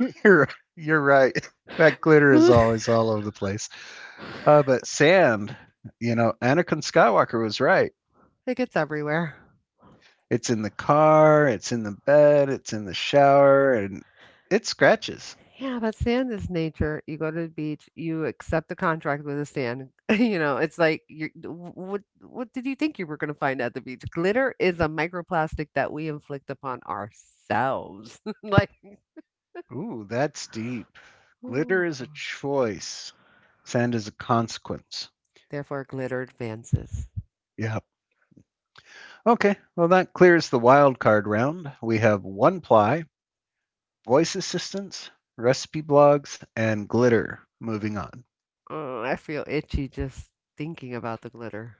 Speaker 1: [LAUGHS] You're, you're right. [LAUGHS] That
Speaker 2: [LAUGHS]
Speaker 1: glitter is
Speaker 2: It
Speaker 1: always all over the place. Uh, but sand, you know, Anakin Skywalker was right.
Speaker 2: gets everywhere.
Speaker 1: It's in the car, it's in the bed, it's in the shower, and it scratches.
Speaker 2: Yeah, but sand is nature. You go to the beach, you accept the contract with the sand. [LAUGHS] You know, it's like you what what did you think you were going to find at the beach? Glitter is a microplastic that we inflict upon ourselves. [LAUGHS] Like
Speaker 1: Ooh, that's deep. Glitter
Speaker 2: ooh.
Speaker 1: is a choice. Sand is a consequence.
Speaker 2: Therefore glitter advances.
Speaker 1: Yep. Okay, well, that clears the wild card round. We have one ply, voice assistance, recipe blogs, and glitter. Moving on.
Speaker 2: Oh, I feel itchy just thinking about the glitter.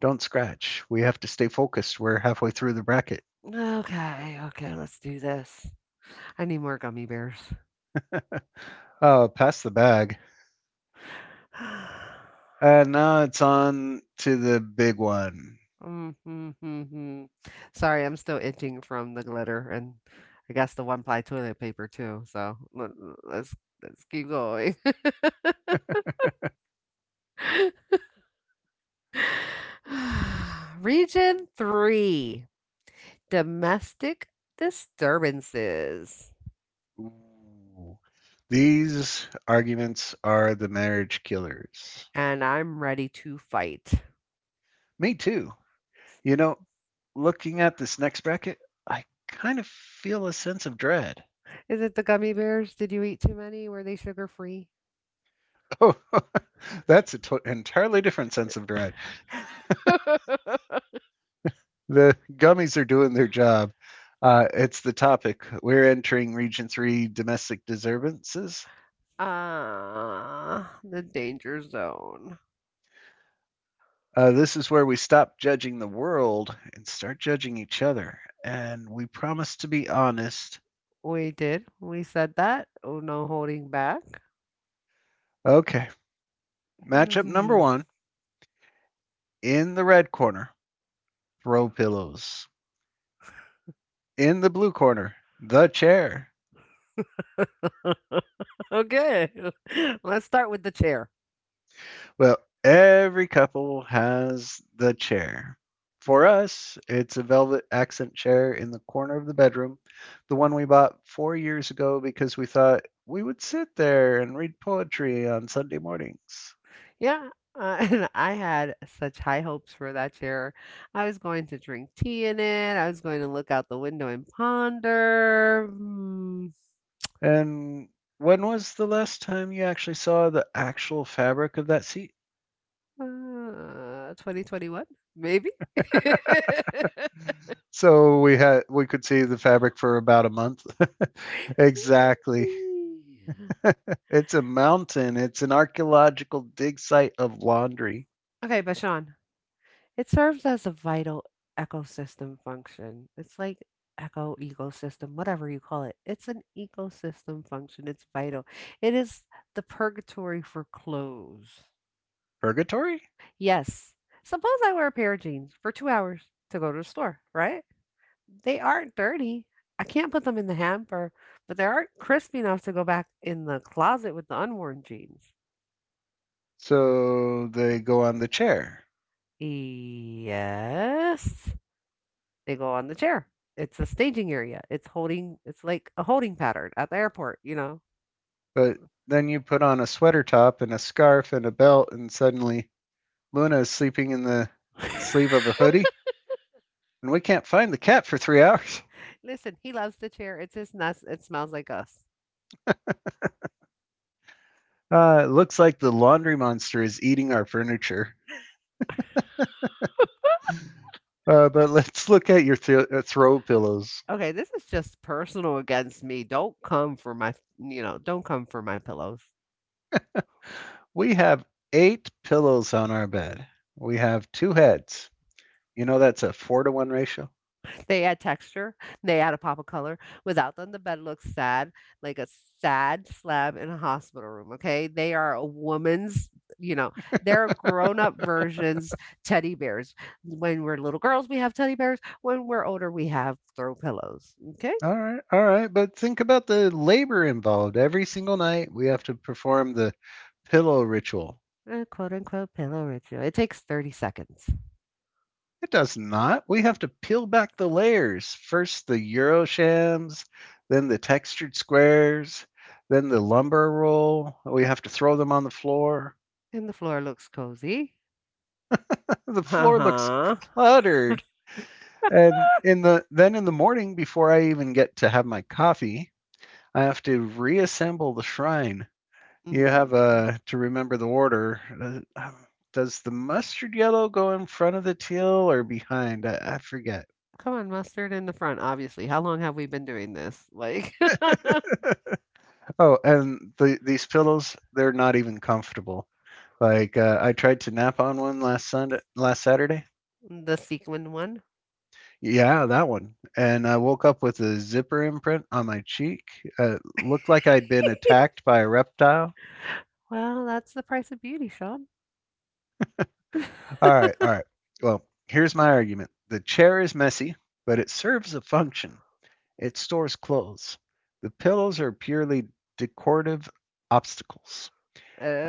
Speaker 1: Don't scratch. We have to stay focused. We're halfway through the bracket.
Speaker 2: Okay, okay, let's do this. I need more gummy bears.
Speaker 1: Oh, pass the bag.
Speaker 2: [LAUGHS] [SIGHS]
Speaker 1: And now it's on to the big one.
Speaker 2: Mhm, mhm. Sorry, I'm still itching from the glitter and I guess the one ply toilet paper too. So let, let's let's keep going. [SIGHS] [LAUGHS] Region three, domestic disturbances.
Speaker 1: Ooh. These arguments are the marriage killers.
Speaker 2: And I'm ready to fight.
Speaker 1: Me too. You know, looking at this next bracket, I kind of feel a sense of dread.
Speaker 2: Is it the gummy bears? Did you eat too many? Were they sugar free?
Speaker 1: Oh, [LAUGHS] that's an entirely different sense of dread. [LAUGHS] The gummies are doing their job. Uh, it's the topic. We're entering Region three domestic disturbances.
Speaker 2: Ah, the danger zone.
Speaker 1: Uh, this is where we stop judging the world and start judging each other. And we promise to be honest.
Speaker 2: We did. We said that. Oh, no holding back.
Speaker 1: Okay. Matchup number
Speaker 2: Mhm.
Speaker 1: one in the red corner, throw pillows. In the blue corner, the chair.
Speaker 2: [LAUGHS] Okay. [LAUGHS] Let's start with the chair.
Speaker 1: Well, every couple has the chair. For
Speaker 2: Mm.
Speaker 1: us, it's a velvet accent chair in the corner of the bedroom, the one we bought four years ago because we thought we would sit there and read poetry on Sunday mornings.
Speaker 2: Yeah. Uh, [LAUGHS] and I had such high hopes for that chair. I was going to drink tea in it. I was going to look out the window and ponder. hmm,
Speaker 1: And when was the last time you actually saw the actual fabric of that seat?
Speaker 2: uh, twenty twenty-one, maybe. [LAUGHS]
Speaker 1: So we had we could see the fabric for about a month. [LAUGHS] Exactly. [LAUGHS] It's a mountain. It's an archaeological dig site of laundry.
Speaker 2: Okay, but Sean, it serves as a vital ecosystem function. It's like eco ecosystem, whatever you call it. It's an ecosystem function. It's vital. It is the purgatory for clothes.
Speaker 1: Purgatory?
Speaker 2: Yes. Suppose I wear a pair of jeans for two hours to go to the store, right? They aren't dirty. I can't put them in the hamper, but they aren't crispy enough to go back in the closet with the unworn jeans.
Speaker 1: So they go on the chair.
Speaker 2: Yes. They go on the chair. It's a staging area. It's holding it's like a holding pattern at the airport, you know.
Speaker 1: But then you put on a sweater top and a scarf and a belt and suddenly Luna is sleeping in the
Speaker 2: [LAUGHS]
Speaker 1: sleeve of a hoodie and we can't find the cat for three [LAUGHS] hours.
Speaker 2: Listen, he loves the chair. It's his nest. It smells like us.
Speaker 1: Uh, it looks like the laundry monster is eating our furniture. Uh, but let's look at your th- uh, throw pillows.
Speaker 2: Okay, this is just personal against me. Don't come for my, you know, don't come for my pillows.
Speaker 1: We have eight pillows on our bed. We have two heads. You know that's a four to one ratio.
Speaker 2: They add texture, they add a pop of color. Without them, the bed looks sad, like a sad slab in a hospital room. Okay. They are a woman's, you know, they're grown up versions teddy bears. When we're little girls, we have teddy bears. When we're older, we have throw pillows. Okay.
Speaker 1: All right, all right. But think about the labor involved. Every single night we have to perform the pillow ritual.
Speaker 2: A quote unquote pillow ritual. It takes thirty seconds.
Speaker 1: It does not. We have to peel back the layers. First the Euro shams, then the textured squares, then the lumber roll. We have to throw them on the floor.
Speaker 2: And the floor looks cozy.
Speaker 1: [LAUGHS] The
Speaker 2: Uh
Speaker 1: floor looks
Speaker 2: huh.
Speaker 1: cluttered. And in the then in the morning before I even get to have my coffee, I have to reassemble the shrine. You have
Speaker 2: Mm.
Speaker 1: uh, to remember the order. Uh, um, Does the mustard yellow go in front of the teal or behind? I, I forget.
Speaker 2: Come on, mustard in the front, obviously. How long have we been doing this? Like, [LAUGHS]
Speaker 1: Oh, and the, these pillows, they're not even comfortable. Like uh, I tried to nap on one last Sunday, last Saturday.
Speaker 2: the sequined one?
Speaker 1: Yeah, that one. And I woke up with a zipper imprint on my cheek. Uh, looked like I'd been attacked by a reptile.
Speaker 2: Well, that's the price of beauty, Sean.
Speaker 1: All right, all right. Well, here's my argument. The chair is messy, but it serves a function. It stores clothes. The pillows are purely decorative obstacles.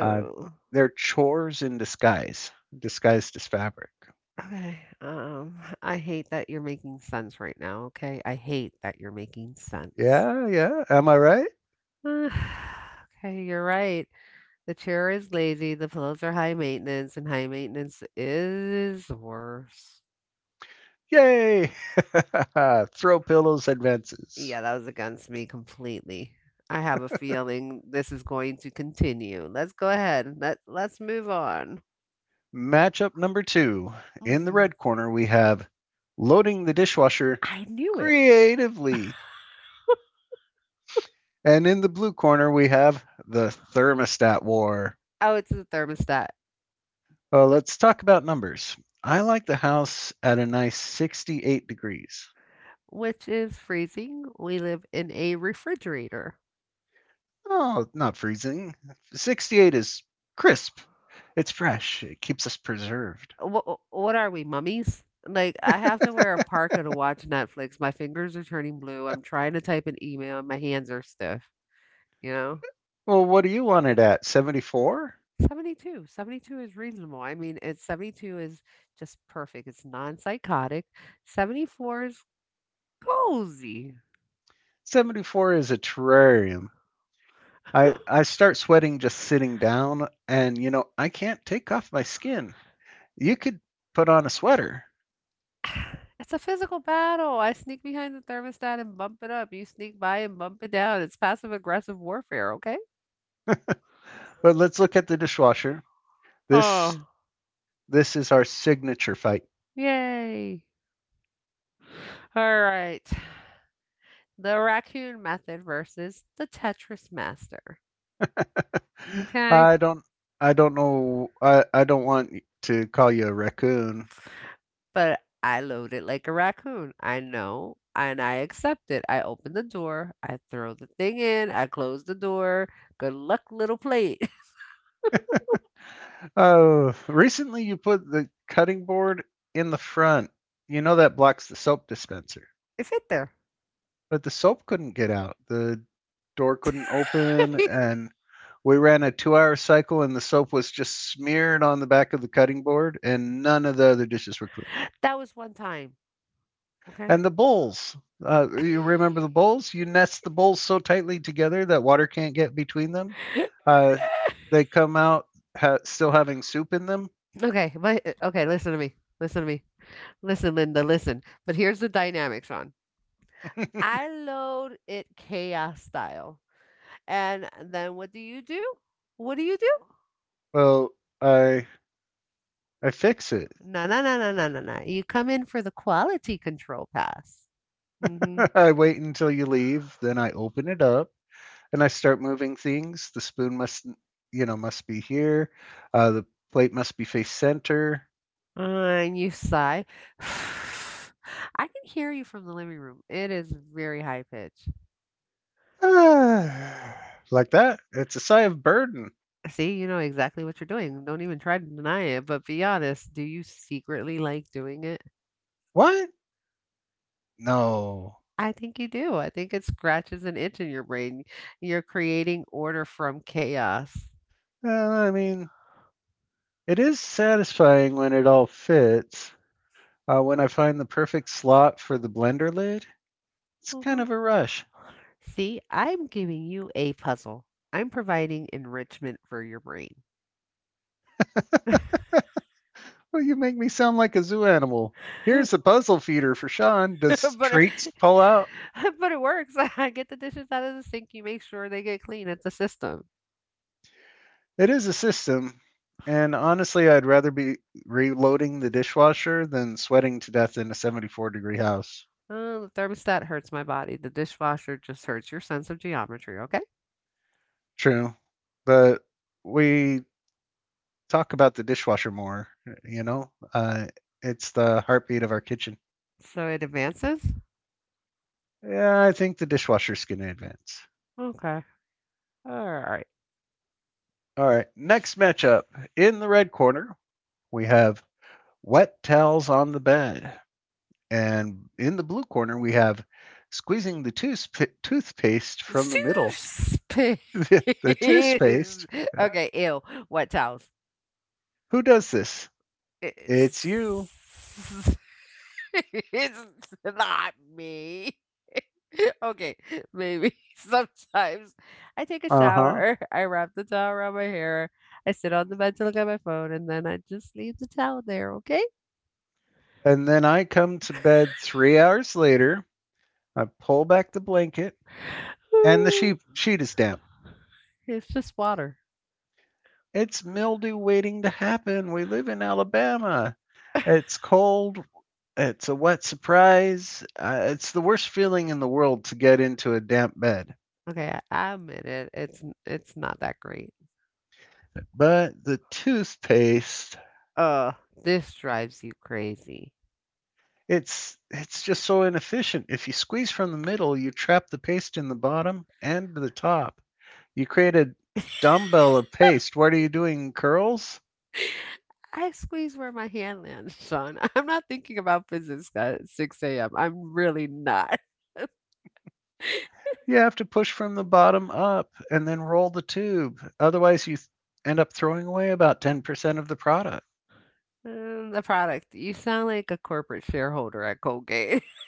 Speaker 1: Uh, they're chores in disguise, disguised as fabric.
Speaker 2: Okay. Um, I hate that you're making sense right now, okay? I hate that you're making sense.
Speaker 1: Yeah, yeah. Am I right?
Speaker 2: Uh, [SIGHS] okay, you're right. The chair is lazy, the pillows are high maintenance, and high maintenance is worse.
Speaker 1: Yay! [LAUGHS] Throw pillows advances.
Speaker 2: Yeah, that was against me completely. I have a feeling this is going to continue. Let's go ahead. Let let's move on.
Speaker 1: Matchup number two. In the
Speaker 2: Hmm.
Speaker 1: red corner, we have loading the dishwasher
Speaker 2: I knew it.
Speaker 1: creatively. And in the blue corner, we have the thermostat war.
Speaker 2: Oh, it's the thermostat.
Speaker 1: Uh, let's talk about numbers. I like the house at a nice sixty-eight degrees.
Speaker 2: Which is freezing. We live in a refrigerator.
Speaker 1: Oh, not freezing. sixty-eight is crisp. It's fresh. It keeps us preserved.
Speaker 2: What, what are we, mummies? Like, I have to wear a parka to watch Netflix. My fingers are turning blue. I'm trying to type an email and my hands are stiff, you know?
Speaker 1: Well, what do you want it at? seventy-four?
Speaker 2: seventy-two. seventy-two is reasonable. I mean, it's seventy-two is just perfect. It's non-psychotic. seventy-four is cozy. [SIGHS]
Speaker 1: seventy-four is a terrarium. I, I start sweating just sitting down, and you know, I can't take off my skin. You could put on a sweater.
Speaker 2: It's a physical battle. I sneak behind the thermostat and bump it up. You sneak by and bump it down. It's passive aggressive warfare, okay?
Speaker 1: But let's look at the dishwasher. This
Speaker 2: Oh.
Speaker 1: This is our signature fight.
Speaker 2: Yay. Alright. The raccoon method versus the Tetris master.
Speaker 1: [LAUGHS]
Speaker 2: Okay,
Speaker 1: I don't I don't know I, I don't want to call you a raccoon.
Speaker 2: but I load it like a raccoon. I know, and I accept it. I open the door, I throw the thing in, I close the door. Good luck, little plate. [LAUGHS]
Speaker 1: Oh, recently you put the cutting board in the front. You know that blocks the soap dispenser.
Speaker 2: It fit there. [LAUGHS]
Speaker 1: But the soap couldn't get out. The door couldn't open and we ran a two-hour cycle and the soap was just smeared on the back of the cutting board and none of the other dishes were clean.
Speaker 2: That was one time, okay?
Speaker 1: And the bowls. Uh, you remember the bowls? You nest the bowls so tightly together that water can't get between them.
Speaker 2: [LAUGHS]
Speaker 1: Uh, they come out ha- still having soup in them.
Speaker 2: Okay, but uh, okay, listen to me. Listen to me. Listen, Linda, listen. But here's the dynamic, Sean.
Speaker 1: [LAUGHS]
Speaker 2: I load it chaos style. And then what do you do? What do you do?
Speaker 1: Well, I I fix it.
Speaker 2: No, no, no, no, no, no, no, you come in for the quality control pass. Hmm.
Speaker 1: [LAUGHS] I wait until you leave, then I open it up and I start moving things. The spoon must you know must be here. Uh, the plate must be face center. [SIGHS]
Speaker 2: And you sigh. [SIGHS] I can hear you from the living room. It is very high pitch.
Speaker 1: Ah, like that. It's a sigh of burden.
Speaker 2: See, you know exactly what you're doing. Don't even try to deny it, but be honest. Do you secretly like doing it?
Speaker 1: What? No.
Speaker 2: I think you do. I think it scratches an itch in your brain. You're creating order from chaos.
Speaker 1: Uh, I mean, It is satisfying when it all fits. Uh, when I find the perfect slot for the blender lid, it's kind
Speaker 2: Mhm.
Speaker 1: of a rush.
Speaker 2: See, I'm giving you a puzzle. I'm providing enrichment for your brain. [LAUGHS] but
Speaker 1: [LAUGHS] Well, you make me sound like a zoo animal. Here's
Speaker 2: it,
Speaker 1: the puzzle feeder for Sean. Does traits
Speaker 2: [LAUGHS]
Speaker 1: pull out?
Speaker 2: but it works. [LAUGHS] I get the dishes out of the sink. You make sure they get clean. It's a system.
Speaker 1: It is a system. And honestly, I'd rather be reloading the dishwasher than sweating to death in a seventy-four degree house.
Speaker 2: Oh, the thermostat hurts my body. The dishwasher just hurts your sense of geometry. Okay.
Speaker 1: True. But we talk about the dishwasher more, you know? Uh, it's the heartbeat of our kitchen.
Speaker 2: So it advances.
Speaker 1: Yeah, I think the dishwasher's going to advance.
Speaker 2: Okay. All right.
Speaker 1: All right, next matchup. In the red corner, we have wet towels on the bed. And in the blue corner, we have squeezing the toothp- toothpaste from the middle.
Speaker 2: Space.
Speaker 1: [LAUGHS]
Speaker 2: [LAUGHS]
Speaker 1: the the toothpaste. Yeah.
Speaker 2: Okay. Ew. What towels?
Speaker 1: Who does this? It's you.
Speaker 2: It's [LAUGHS] it's not me. [LAUGHS] Okay, maybe [LAUGHS] sometimes I take a
Speaker 1: Uh huh.
Speaker 2: shower, [LAUGHS] I wrap the towel around my hair, I sit on the bed to look at my phone, and then I just leave the towel there, okay? [LAUGHS]
Speaker 1: And then I come to bed three hours later. I pull back the blanket, and the sheet
Speaker 2: [SIGHS]
Speaker 1: sheet is damp.
Speaker 2: It's just water.
Speaker 1: It's mildew waiting to happen. We live in Alabama. It's cold. It's a wet surprise. Uh, it's the worst feeling in the world to get into a damp bed.
Speaker 2: Okay, I I admit it. It's n- it's not that great.
Speaker 1: But the toothpaste,
Speaker 2: Uh, this drives you crazy.
Speaker 1: it's it's just so inefficient. If you squeeze from the middle, you trap the paste in the bottom and the top. You create a dumbbell of paste. What are you doing? Curls?
Speaker 2: I squeeze where my hand lands, Sean. [LAUGHS] I'm not thinking about business at six a m. I'm really not. [LAUGHS]
Speaker 1: You have to push from the bottom up and then roll the tube. Otherwise, you th- end up throwing away about ten percent of the product.
Speaker 2: Mm, the product. You sound like a corporate shareholder at Colgate. [LAUGHS]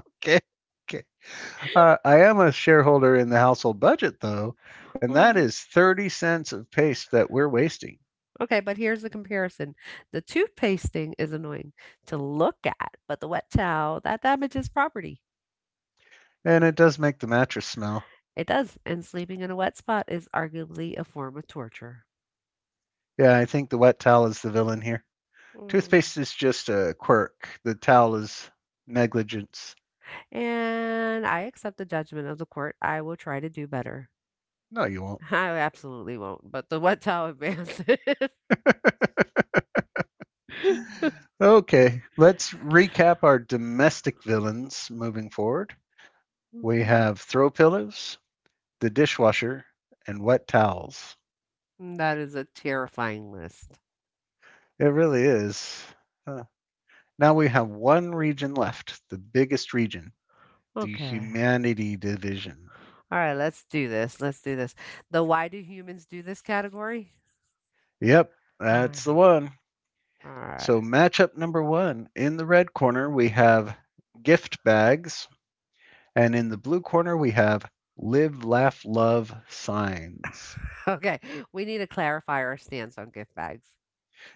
Speaker 1: Okay. Okay. Uh, I am a shareholder in the household budget, though, and that
Speaker 2: Mm,
Speaker 1: is thirty cents of paste that we're wasting.
Speaker 2: okay, but here's the comparison. The toothpaste thing is annoying to look at, but the wet towel, that damages property.
Speaker 1: And it does make the mattress smell.
Speaker 2: It does. And sleeping in a wet spot is arguably a form of torture.
Speaker 1: Yeah, I think the wet towel is the villain here.
Speaker 2: Mm.
Speaker 1: Toothpaste is just a quirk, the towel is negligence.
Speaker 2: And I accept the judgment of the court. I will try to do better.
Speaker 1: No, you won't.
Speaker 2: I absolutely won't, but the what Tower Bands. [LAUGHS]
Speaker 1: Okay, let's recap our domestic villains moving forward. We
Speaker 2: Mhm.
Speaker 1: have throw pillows, the dishwasher, and wet towels.
Speaker 2: That is a terrifying list.
Speaker 1: It really is. Huh. Now we have one region left, the biggest region, the
Speaker 2: Okay.
Speaker 1: humanity division.
Speaker 2: All right, let's do this. Let's do this. The why do humans do this category?
Speaker 1: Yep, that's the
Speaker 2: Ah,
Speaker 1: one.
Speaker 2: All right.
Speaker 1: So, matchup number one in the red corner, we have gift bags, and in the blue corner, we have live, laugh, love signs.
Speaker 2: [LAUGHS] Okay. We need to clarify our stance on gift bags.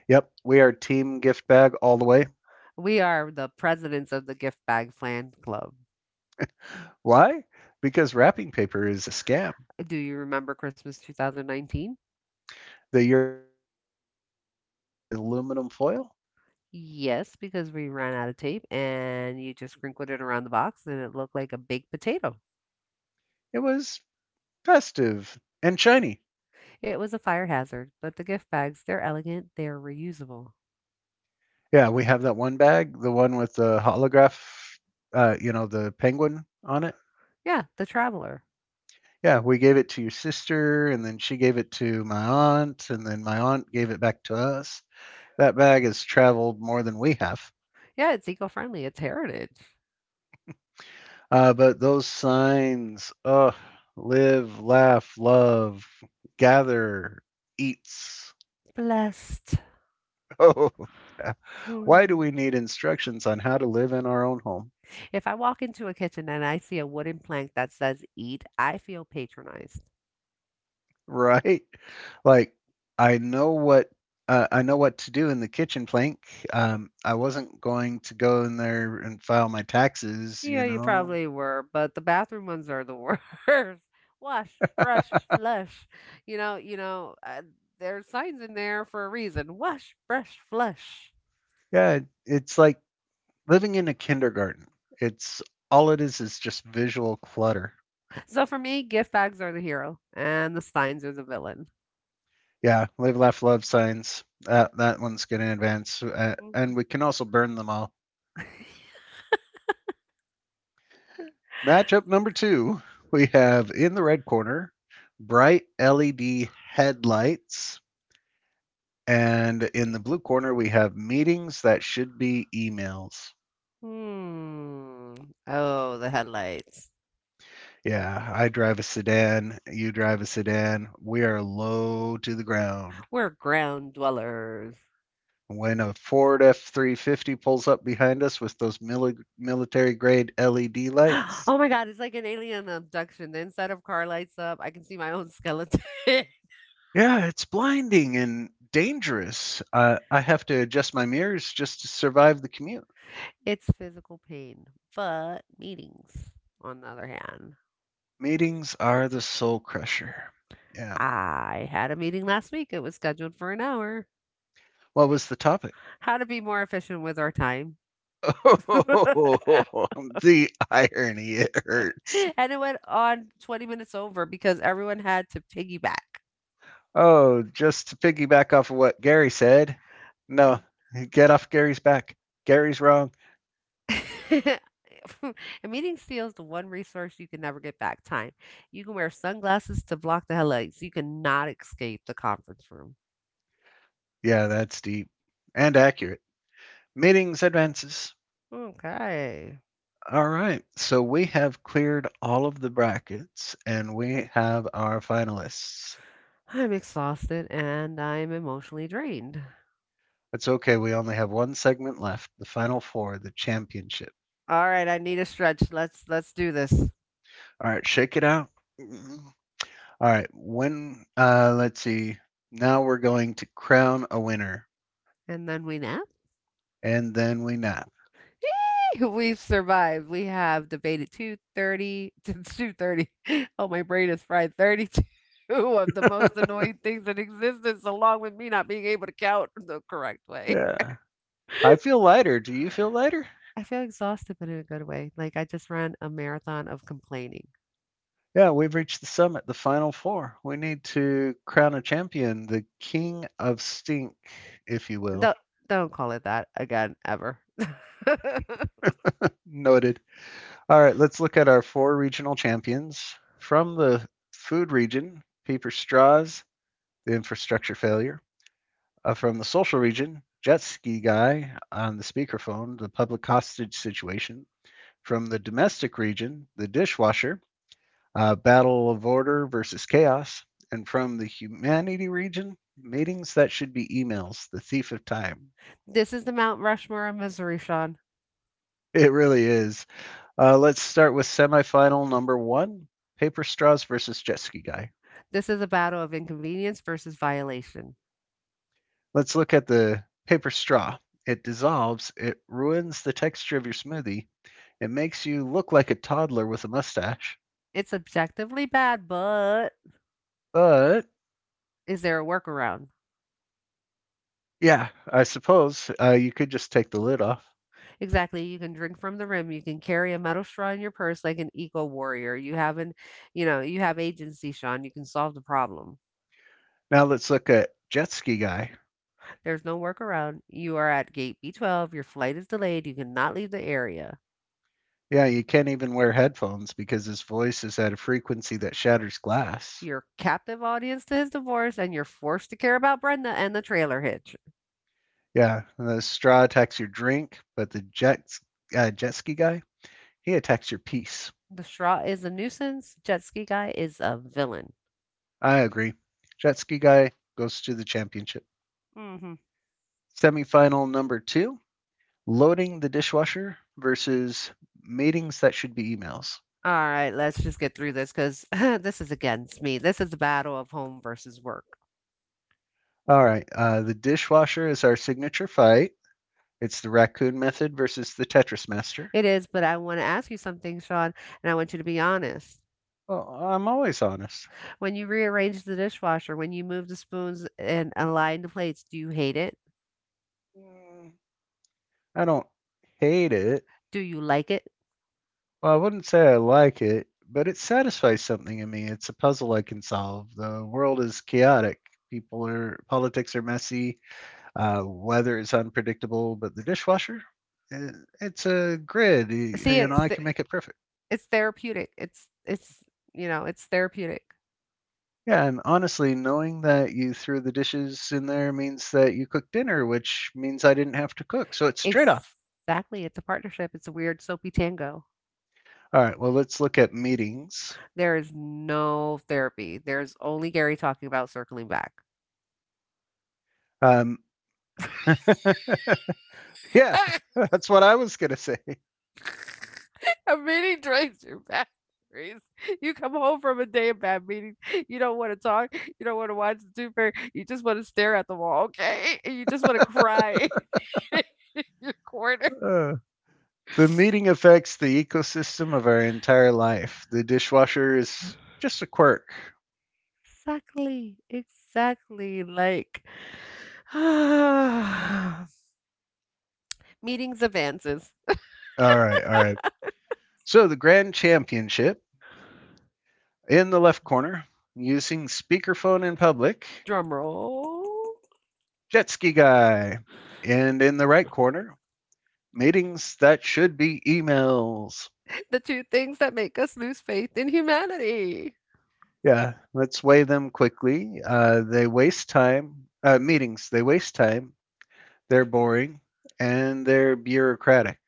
Speaker 1: Yep, we are team gift bag all the way.
Speaker 2: We are the presidents of the Gift Bag Fan Club.
Speaker 1: Why? Because wrapping paper is a scam.
Speaker 2: Do you remember Christmas two thousand nineteen?
Speaker 1: The year I tried to wrap your gift in aluminum foil.
Speaker 2: Yes, because we ran out of tape and you just sprinkled it around the box and it looked like a baked potato.
Speaker 1: It was festive and shiny.
Speaker 2: It was a fire hazard, but the gift bags, they're elegant, they're reusable.
Speaker 1: Yeah, we have that one bag, the one with the holograph, uh, you know, the penguin on it.
Speaker 2: Yeah, the traveler.
Speaker 1: Yeah, we gave it to your sister, and then she gave it to my aunt, and then my aunt gave it back to us. That bag has traveled more than we have.
Speaker 2: Yeah, it's eco friendly, it's heritage.
Speaker 1: Uh, but those signs, oh, live, laugh, love, gather, eats,
Speaker 2: Blessed.
Speaker 1: [LAUGHS] oh, yeah. Why
Speaker 2: Mm.
Speaker 1: do we need instructions on how to live in our own home? [LAUGHS]
Speaker 2: If I walk into a kitchen and I see a wooden plank that says eat, I feel patronized.
Speaker 1: Right? Like I know what uh, I know what to do in the kitchen plank. Um, I wasn't going to go in there and file my taxes, you
Speaker 2: Yeah, you
Speaker 1: know.
Speaker 2: probably were, but the bathroom ones are the worst. [LAUGHS] Wash, brush, flush. You know, you know, uh, there's signs in there for a reason. Wash, brush, flush.
Speaker 1: Yeah, it's like living in a kindergarten. It's all it is is just visual clutter.
Speaker 2: So for me, gift bags are the hero and the signs are the villain.
Speaker 1: Yeah, live, laugh, love signs. That that one's going to advance, uh, and we can also burn them all. Matchup number two, we have in the red corner, bright L E D headlights. And in the blue corner, we have meetings that should be emails.
Speaker 2: Hmm. Oh, the headlights.
Speaker 1: Yeah, I drive a sedan, you drive a sedan. We are low to the ground.
Speaker 2: We're ground dwellers.
Speaker 1: When a Ford F three fifty pulls up behind us with those mili- military grade L E D
Speaker 2: [GASPS]
Speaker 1: lights,
Speaker 2: Oh my god, it's like an alien abduction. The inside of car lights up. I can see my own skeleton. [LAUGHS]
Speaker 1: yeah, it's blinding and dangerous. Uh, I have to adjust my mirrors just to survive the commute.
Speaker 2: It's physical pain. But meetings, on the other hand.
Speaker 1: Meetings are the soul crusher. Yeah.
Speaker 2: I had a meeting last week. It was scheduled for an hour.
Speaker 1: What was the topic?
Speaker 2: How to be more efficient with our time. [LAUGHS] And
Speaker 1: Oh, [LAUGHS] the irony. It hurts.
Speaker 2: it went on twenty minutes over because everyone had to piggyback.
Speaker 1: Oh, just to piggyback off of what Gary said. No, get off Gary's back. Gary's wrong.
Speaker 2: [LAUGHS] A meeting steals the one resource you can never get back, time. You can wear sunglasses to block the headlights. You cannot escape the conference room.
Speaker 1: Yeah, that's deep and accurate. Meetings advances.
Speaker 2: Okay.
Speaker 1: All right. So we have cleared all of the brackets and we have our finalists.
Speaker 2: I'm exhausted and I'm emotionally drained.
Speaker 1: It's okay. We only have one segment left, the final four, the championship.
Speaker 2: All right, I need a stretch. Let's let's do this.
Speaker 1: All right, shake it out. Mm. All right, when uh let's see. Now we're going to crown a winner
Speaker 2: And then we nap.
Speaker 1: and then we nap.
Speaker 2: [LAUGHS] We've survived. We have debated two thirty to two thirty. [LAUGHS] Oh, my brain is fried. thirty-two [LAUGHS] of the most
Speaker 1: [LAUGHS]
Speaker 2: annoying things in existence, along with me not being able to count the correct way.
Speaker 1: Yeah. I feel lighter. Do you feel lighter?
Speaker 2: I feel exhausted, but in a good way. Like I just ran a marathon of complaining.
Speaker 1: Yeah, we've reached the summit, the final four. We need to crown a champion, the king of stink, if you will.
Speaker 2: Don't don't call it that again ever. [LAUGHS]
Speaker 1: Noted. All right, let's look at our four regional champions. From the food region, paper straws, the infrastructure failure. Uh, from the social region, jet ski guy on the speakerphone, the public hostage situation. From the domestic region, the dishwasher, uh, battle of order versus chaos. And from the humanity region, meetings that should be emails, the thief of time.
Speaker 2: This is the Mount Rushmore of misery, Sean.
Speaker 1: It really is. Uh, let's start with semifinal number one, paper straws versus jet ski guy.
Speaker 2: This is a battle of inconvenience versus violation.
Speaker 1: Let's look at the paper straw. It dissolves, it ruins the texture of your smoothie. It makes you look like a toddler with a mustache.
Speaker 2: It's objectively bad, but
Speaker 1: But
Speaker 2: is there a workaround?
Speaker 1: yeah, I suppose uh, you could just take the lid off.
Speaker 2: Exactly. You can drink from the rim. You can carry a metal straw in your purse like an eco warrior. You have an, you know, you have agency, Sean. You can solve the problem.
Speaker 1: Now let's look at Jet Ski Guy.
Speaker 2: There's no workaround. You are at gate B twelve. Your flight is delayed. You cannot leave the area.
Speaker 1: Yeah, you can't even wear headphones because his voice is at a frequency that shatters glass.
Speaker 2: Your captive audience to his divorce, and you're forced to care about Brenda and the trailer hitch.
Speaker 1: Yeah, the straw attacks your drink, but the jet, uh, jet ski guy, he attacks your piece.
Speaker 2: The straw is a nuisance. Jet ski guy is a villain.
Speaker 1: I agree. Jet ski guy goes to the championship.
Speaker 2: Mm-hmm.
Speaker 1: Semifinal number two, loading the dishwasher versus meetings that should be emails.
Speaker 2: All right, let's just get through this because [LAUGHS] this is against me. This is the battle of home versus work.
Speaker 1: All right. Uh, the dishwasher is our signature fight. It's the raccoon method versus the Tetris master.
Speaker 2: It is, but I want to ask you something, Sean, and I want you to be honest.
Speaker 1: Well, I'm always honest.
Speaker 2: When you rearrange the dishwasher, when you move the spoons and align the plates, do you hate it?
Speaker 1: Mm, I don't hate it.
Speaker 2: Do you like it?
Speaker 1: Well, I wouldn't say I like it, but it satisfies something in me. It's a puzzle I can solve. The world is chaotic. People are politics are messy. Uh, weather is unpredictable, but the dishwasher, eh, it's a grid, y-
Speaker 2: See,
Speaker 1: and
Speaker 2: it's
Speaker 1: I
Speaker 2: the,
Speaker 1: can make it perfect.
Speaker 2: It's therapeutic. It's it's, you know, it's therapeutic.
Speaker 1: Yeah, and honestly, knowing that you threw the dishes in there means that you cooked dinner, which means I didn't have to cook. So it's trade off.
Speaker 2: Exactly, it's a partnership. It's a weird soapy tango.
Speaker 1: All right, well, let's look at meetings.
Speaker 2: There is no therapy. There's only Gary talking about circling back.
Speaker 1: Um, [LAUGHS] yeah,
Speaker 2: [LAUGHS]
Speaker 1: that's what I was going to say.
Speaker 2: A meeting drains your batteries. You come home from a day of bad meetings. You don't want to talk. You don't want to watch the Tooth Fairy. You just want to stare at the wall, okay? And you just want to cry [LAUGHS] in your corner.
Speaker 1: Uh, the meeting affects the ecosystem of our entire life. The dishwasher is just a quirk.
Speaker 2: Exactly, exactly. Like, [SIGHS] meetings advances.
Speaker 1: All right, all right. So the grand championship, in the left corner, using speakerphone in public,
Speaker 2: Drum roll. [LAUGHS]
Speaker 1: jet ski guy. And in the right corner, meetings that should be emails.
Speaker 2: The two things that make us lose faith in humanity.
Speaker 1: Yeah, let's weigh them quickly. Uh, they waste time. Uh, meetings, they waste time. They're boring and they're bureaucratic.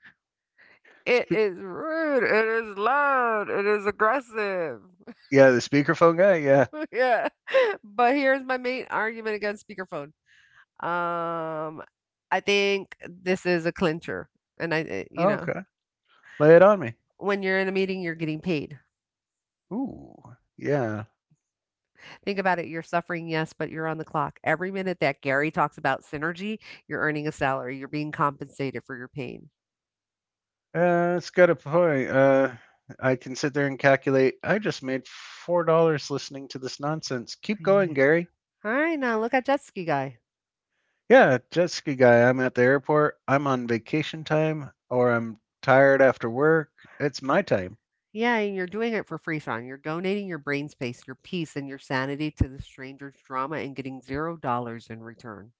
Speaker 2: It
Speaker 1: Spe-
Speaker 2: is rude. It is loud. It is aggressive.
Speaker 1: yeah, the speakerphone guy. Yeah.
Speaker 2: [LAUGHS] Yeah. But here's my main argument against speakerphone. Um, I think this is a clincher. And I, I- you
Speaker 1: Oh,
Speaker 2: know,
Speaker 1: okay. Lay it on me.
Speaker 2: when you're in a meeting, you're getting paid.
Speaker 1: Ooh. Yeah.
Speaker 2: Think about it. You're suffering, yes, but you're on the clock. Every minute that Gary talks about synergy, you're earning a salary. You're being compensated for your pain.
Speaker 1: Uh, it's got a point. Uh, I can sit there and calculate. I just made four dollars listening to this nonsense. Keep going,
Speaker 2: Yeah.
Speaker 1: Gary.
Speaker 2: All right, now look at jet ski guy.
Speaker 1: Yeah, jet ski guy. I'm at the airport. I'm on vacation time or I'm tired after work. It's my time.
Speaker 2: Yeah, and you're doing it for free, Sean. You're donating your brain space, your peace, and your sanity to the stranger's drama and getting zero dollars in return.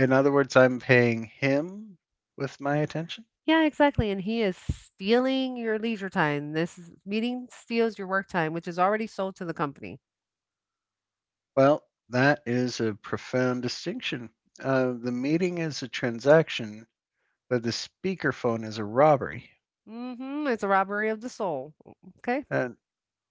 Speaker 1: In other words, I'm paying him with my attention.
Speaker 2: Yeah, exactly. And he is stealing your leisure time. This is, meeting steals your work time, which is already sold to the company.
Speaker 1: Well, that is a profound distinction. Uh, the meeting is a transaction, but the speakerphone is a robbery.
Speaker 2: Mm-hmm. It's a robbery of the soul. Okay.
Speaker 1: And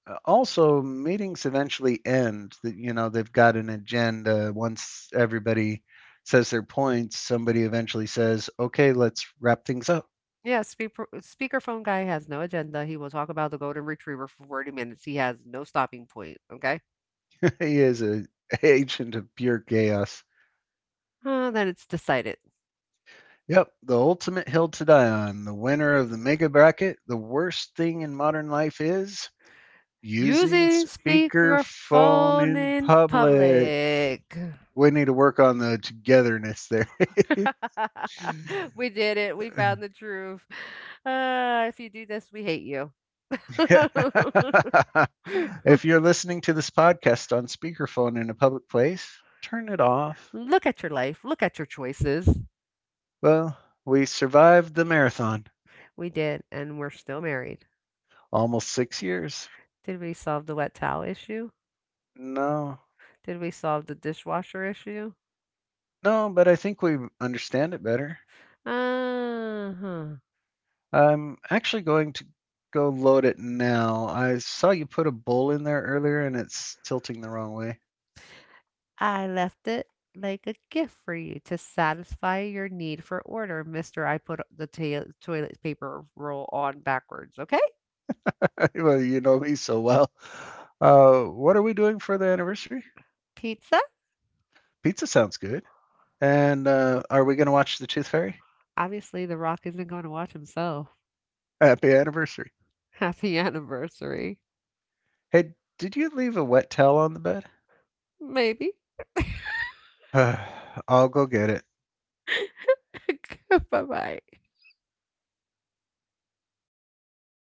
Speaker 1: uh, also, meetings eventually end. That you know they've got an agenda. Once everybody says their points, somebody eventually says, "Okay, let's wrap things up."
Speaker 2: Yeah, speaker, speakerphone guy has no agenda. He will talk about the golden retriever for forty minutes. He has no stopping point. Okay.
Speaker 1: He is an [LAUGHS] agent of pure chaos.
Speaker 2: Uh, then it's decided.
Speaker 1: Yep, the ultimate hill to die on, the winner of the mega bracket. The worst thing in modern life is using
Speaker 2: Using
Speaker 1: speakerphone
Speaker 2: speakerphone
Speaker 1: in
Speaker 2: in
Speaker 1: public.
Speaker 2: public.
Speaker 1: We need to work on the togetherness there.
Speaker 2: [LAUGHS] We
Speaker 1: [LAUGHS]
Speaker 2: did it. We found the truth. Uh, if you do this, we hate you.
Speaker 1: Yeah.
Speaker 2: [LAUGHS]
Speaker 1: [LAUGHS] If you're listening to this podcast on speakerphone in a public place, turn it off.
Speaker 2: Look at your life. Look at your choices.
Speaker 1: Well, we survived the marathon.
Speaker 2: We did, and we're still married.
Speaker 1: Almost six years.
Speaker 2: Did we solve the wet towel issue?
Speaker 1: No.
Speaker 2: Did we solve the dishwasher issue?
Speaker 1: No, but I think we understand it better.
Speaker 2: Uh huh.
Speaker 1: I'm actually going to go load it now. I saw you put a bowl in there earlier and it's tilting the wrong way.
Speaker 2: I left it like a gift for you to satisfy your need for order, mister I put the ta- toilet paper roll on backwards, okay?
Speaker 1: [LAUGHS] Well, you know me so well. Uh, what are we doing for the anniversary?
Speaker 2: Pizza?
Speaker 1: Pizza sounds good. And uh, are we going to watch The Tooth Fairy?
Speaker 2: Obviously, The Rock isn't going to watch himself.
Speaker 1: [LAUGHS] Happy anniversary.
Speaker 2: [LAUGHS] Happy anniversary.
Speaker 1: Hey, did you leave a wet towel on the bed?
Speaker 2: Maybe.
Speaker 1: [SIGHS] I'll go get it.
Speaker 2: [LAUGHS] Bye bye.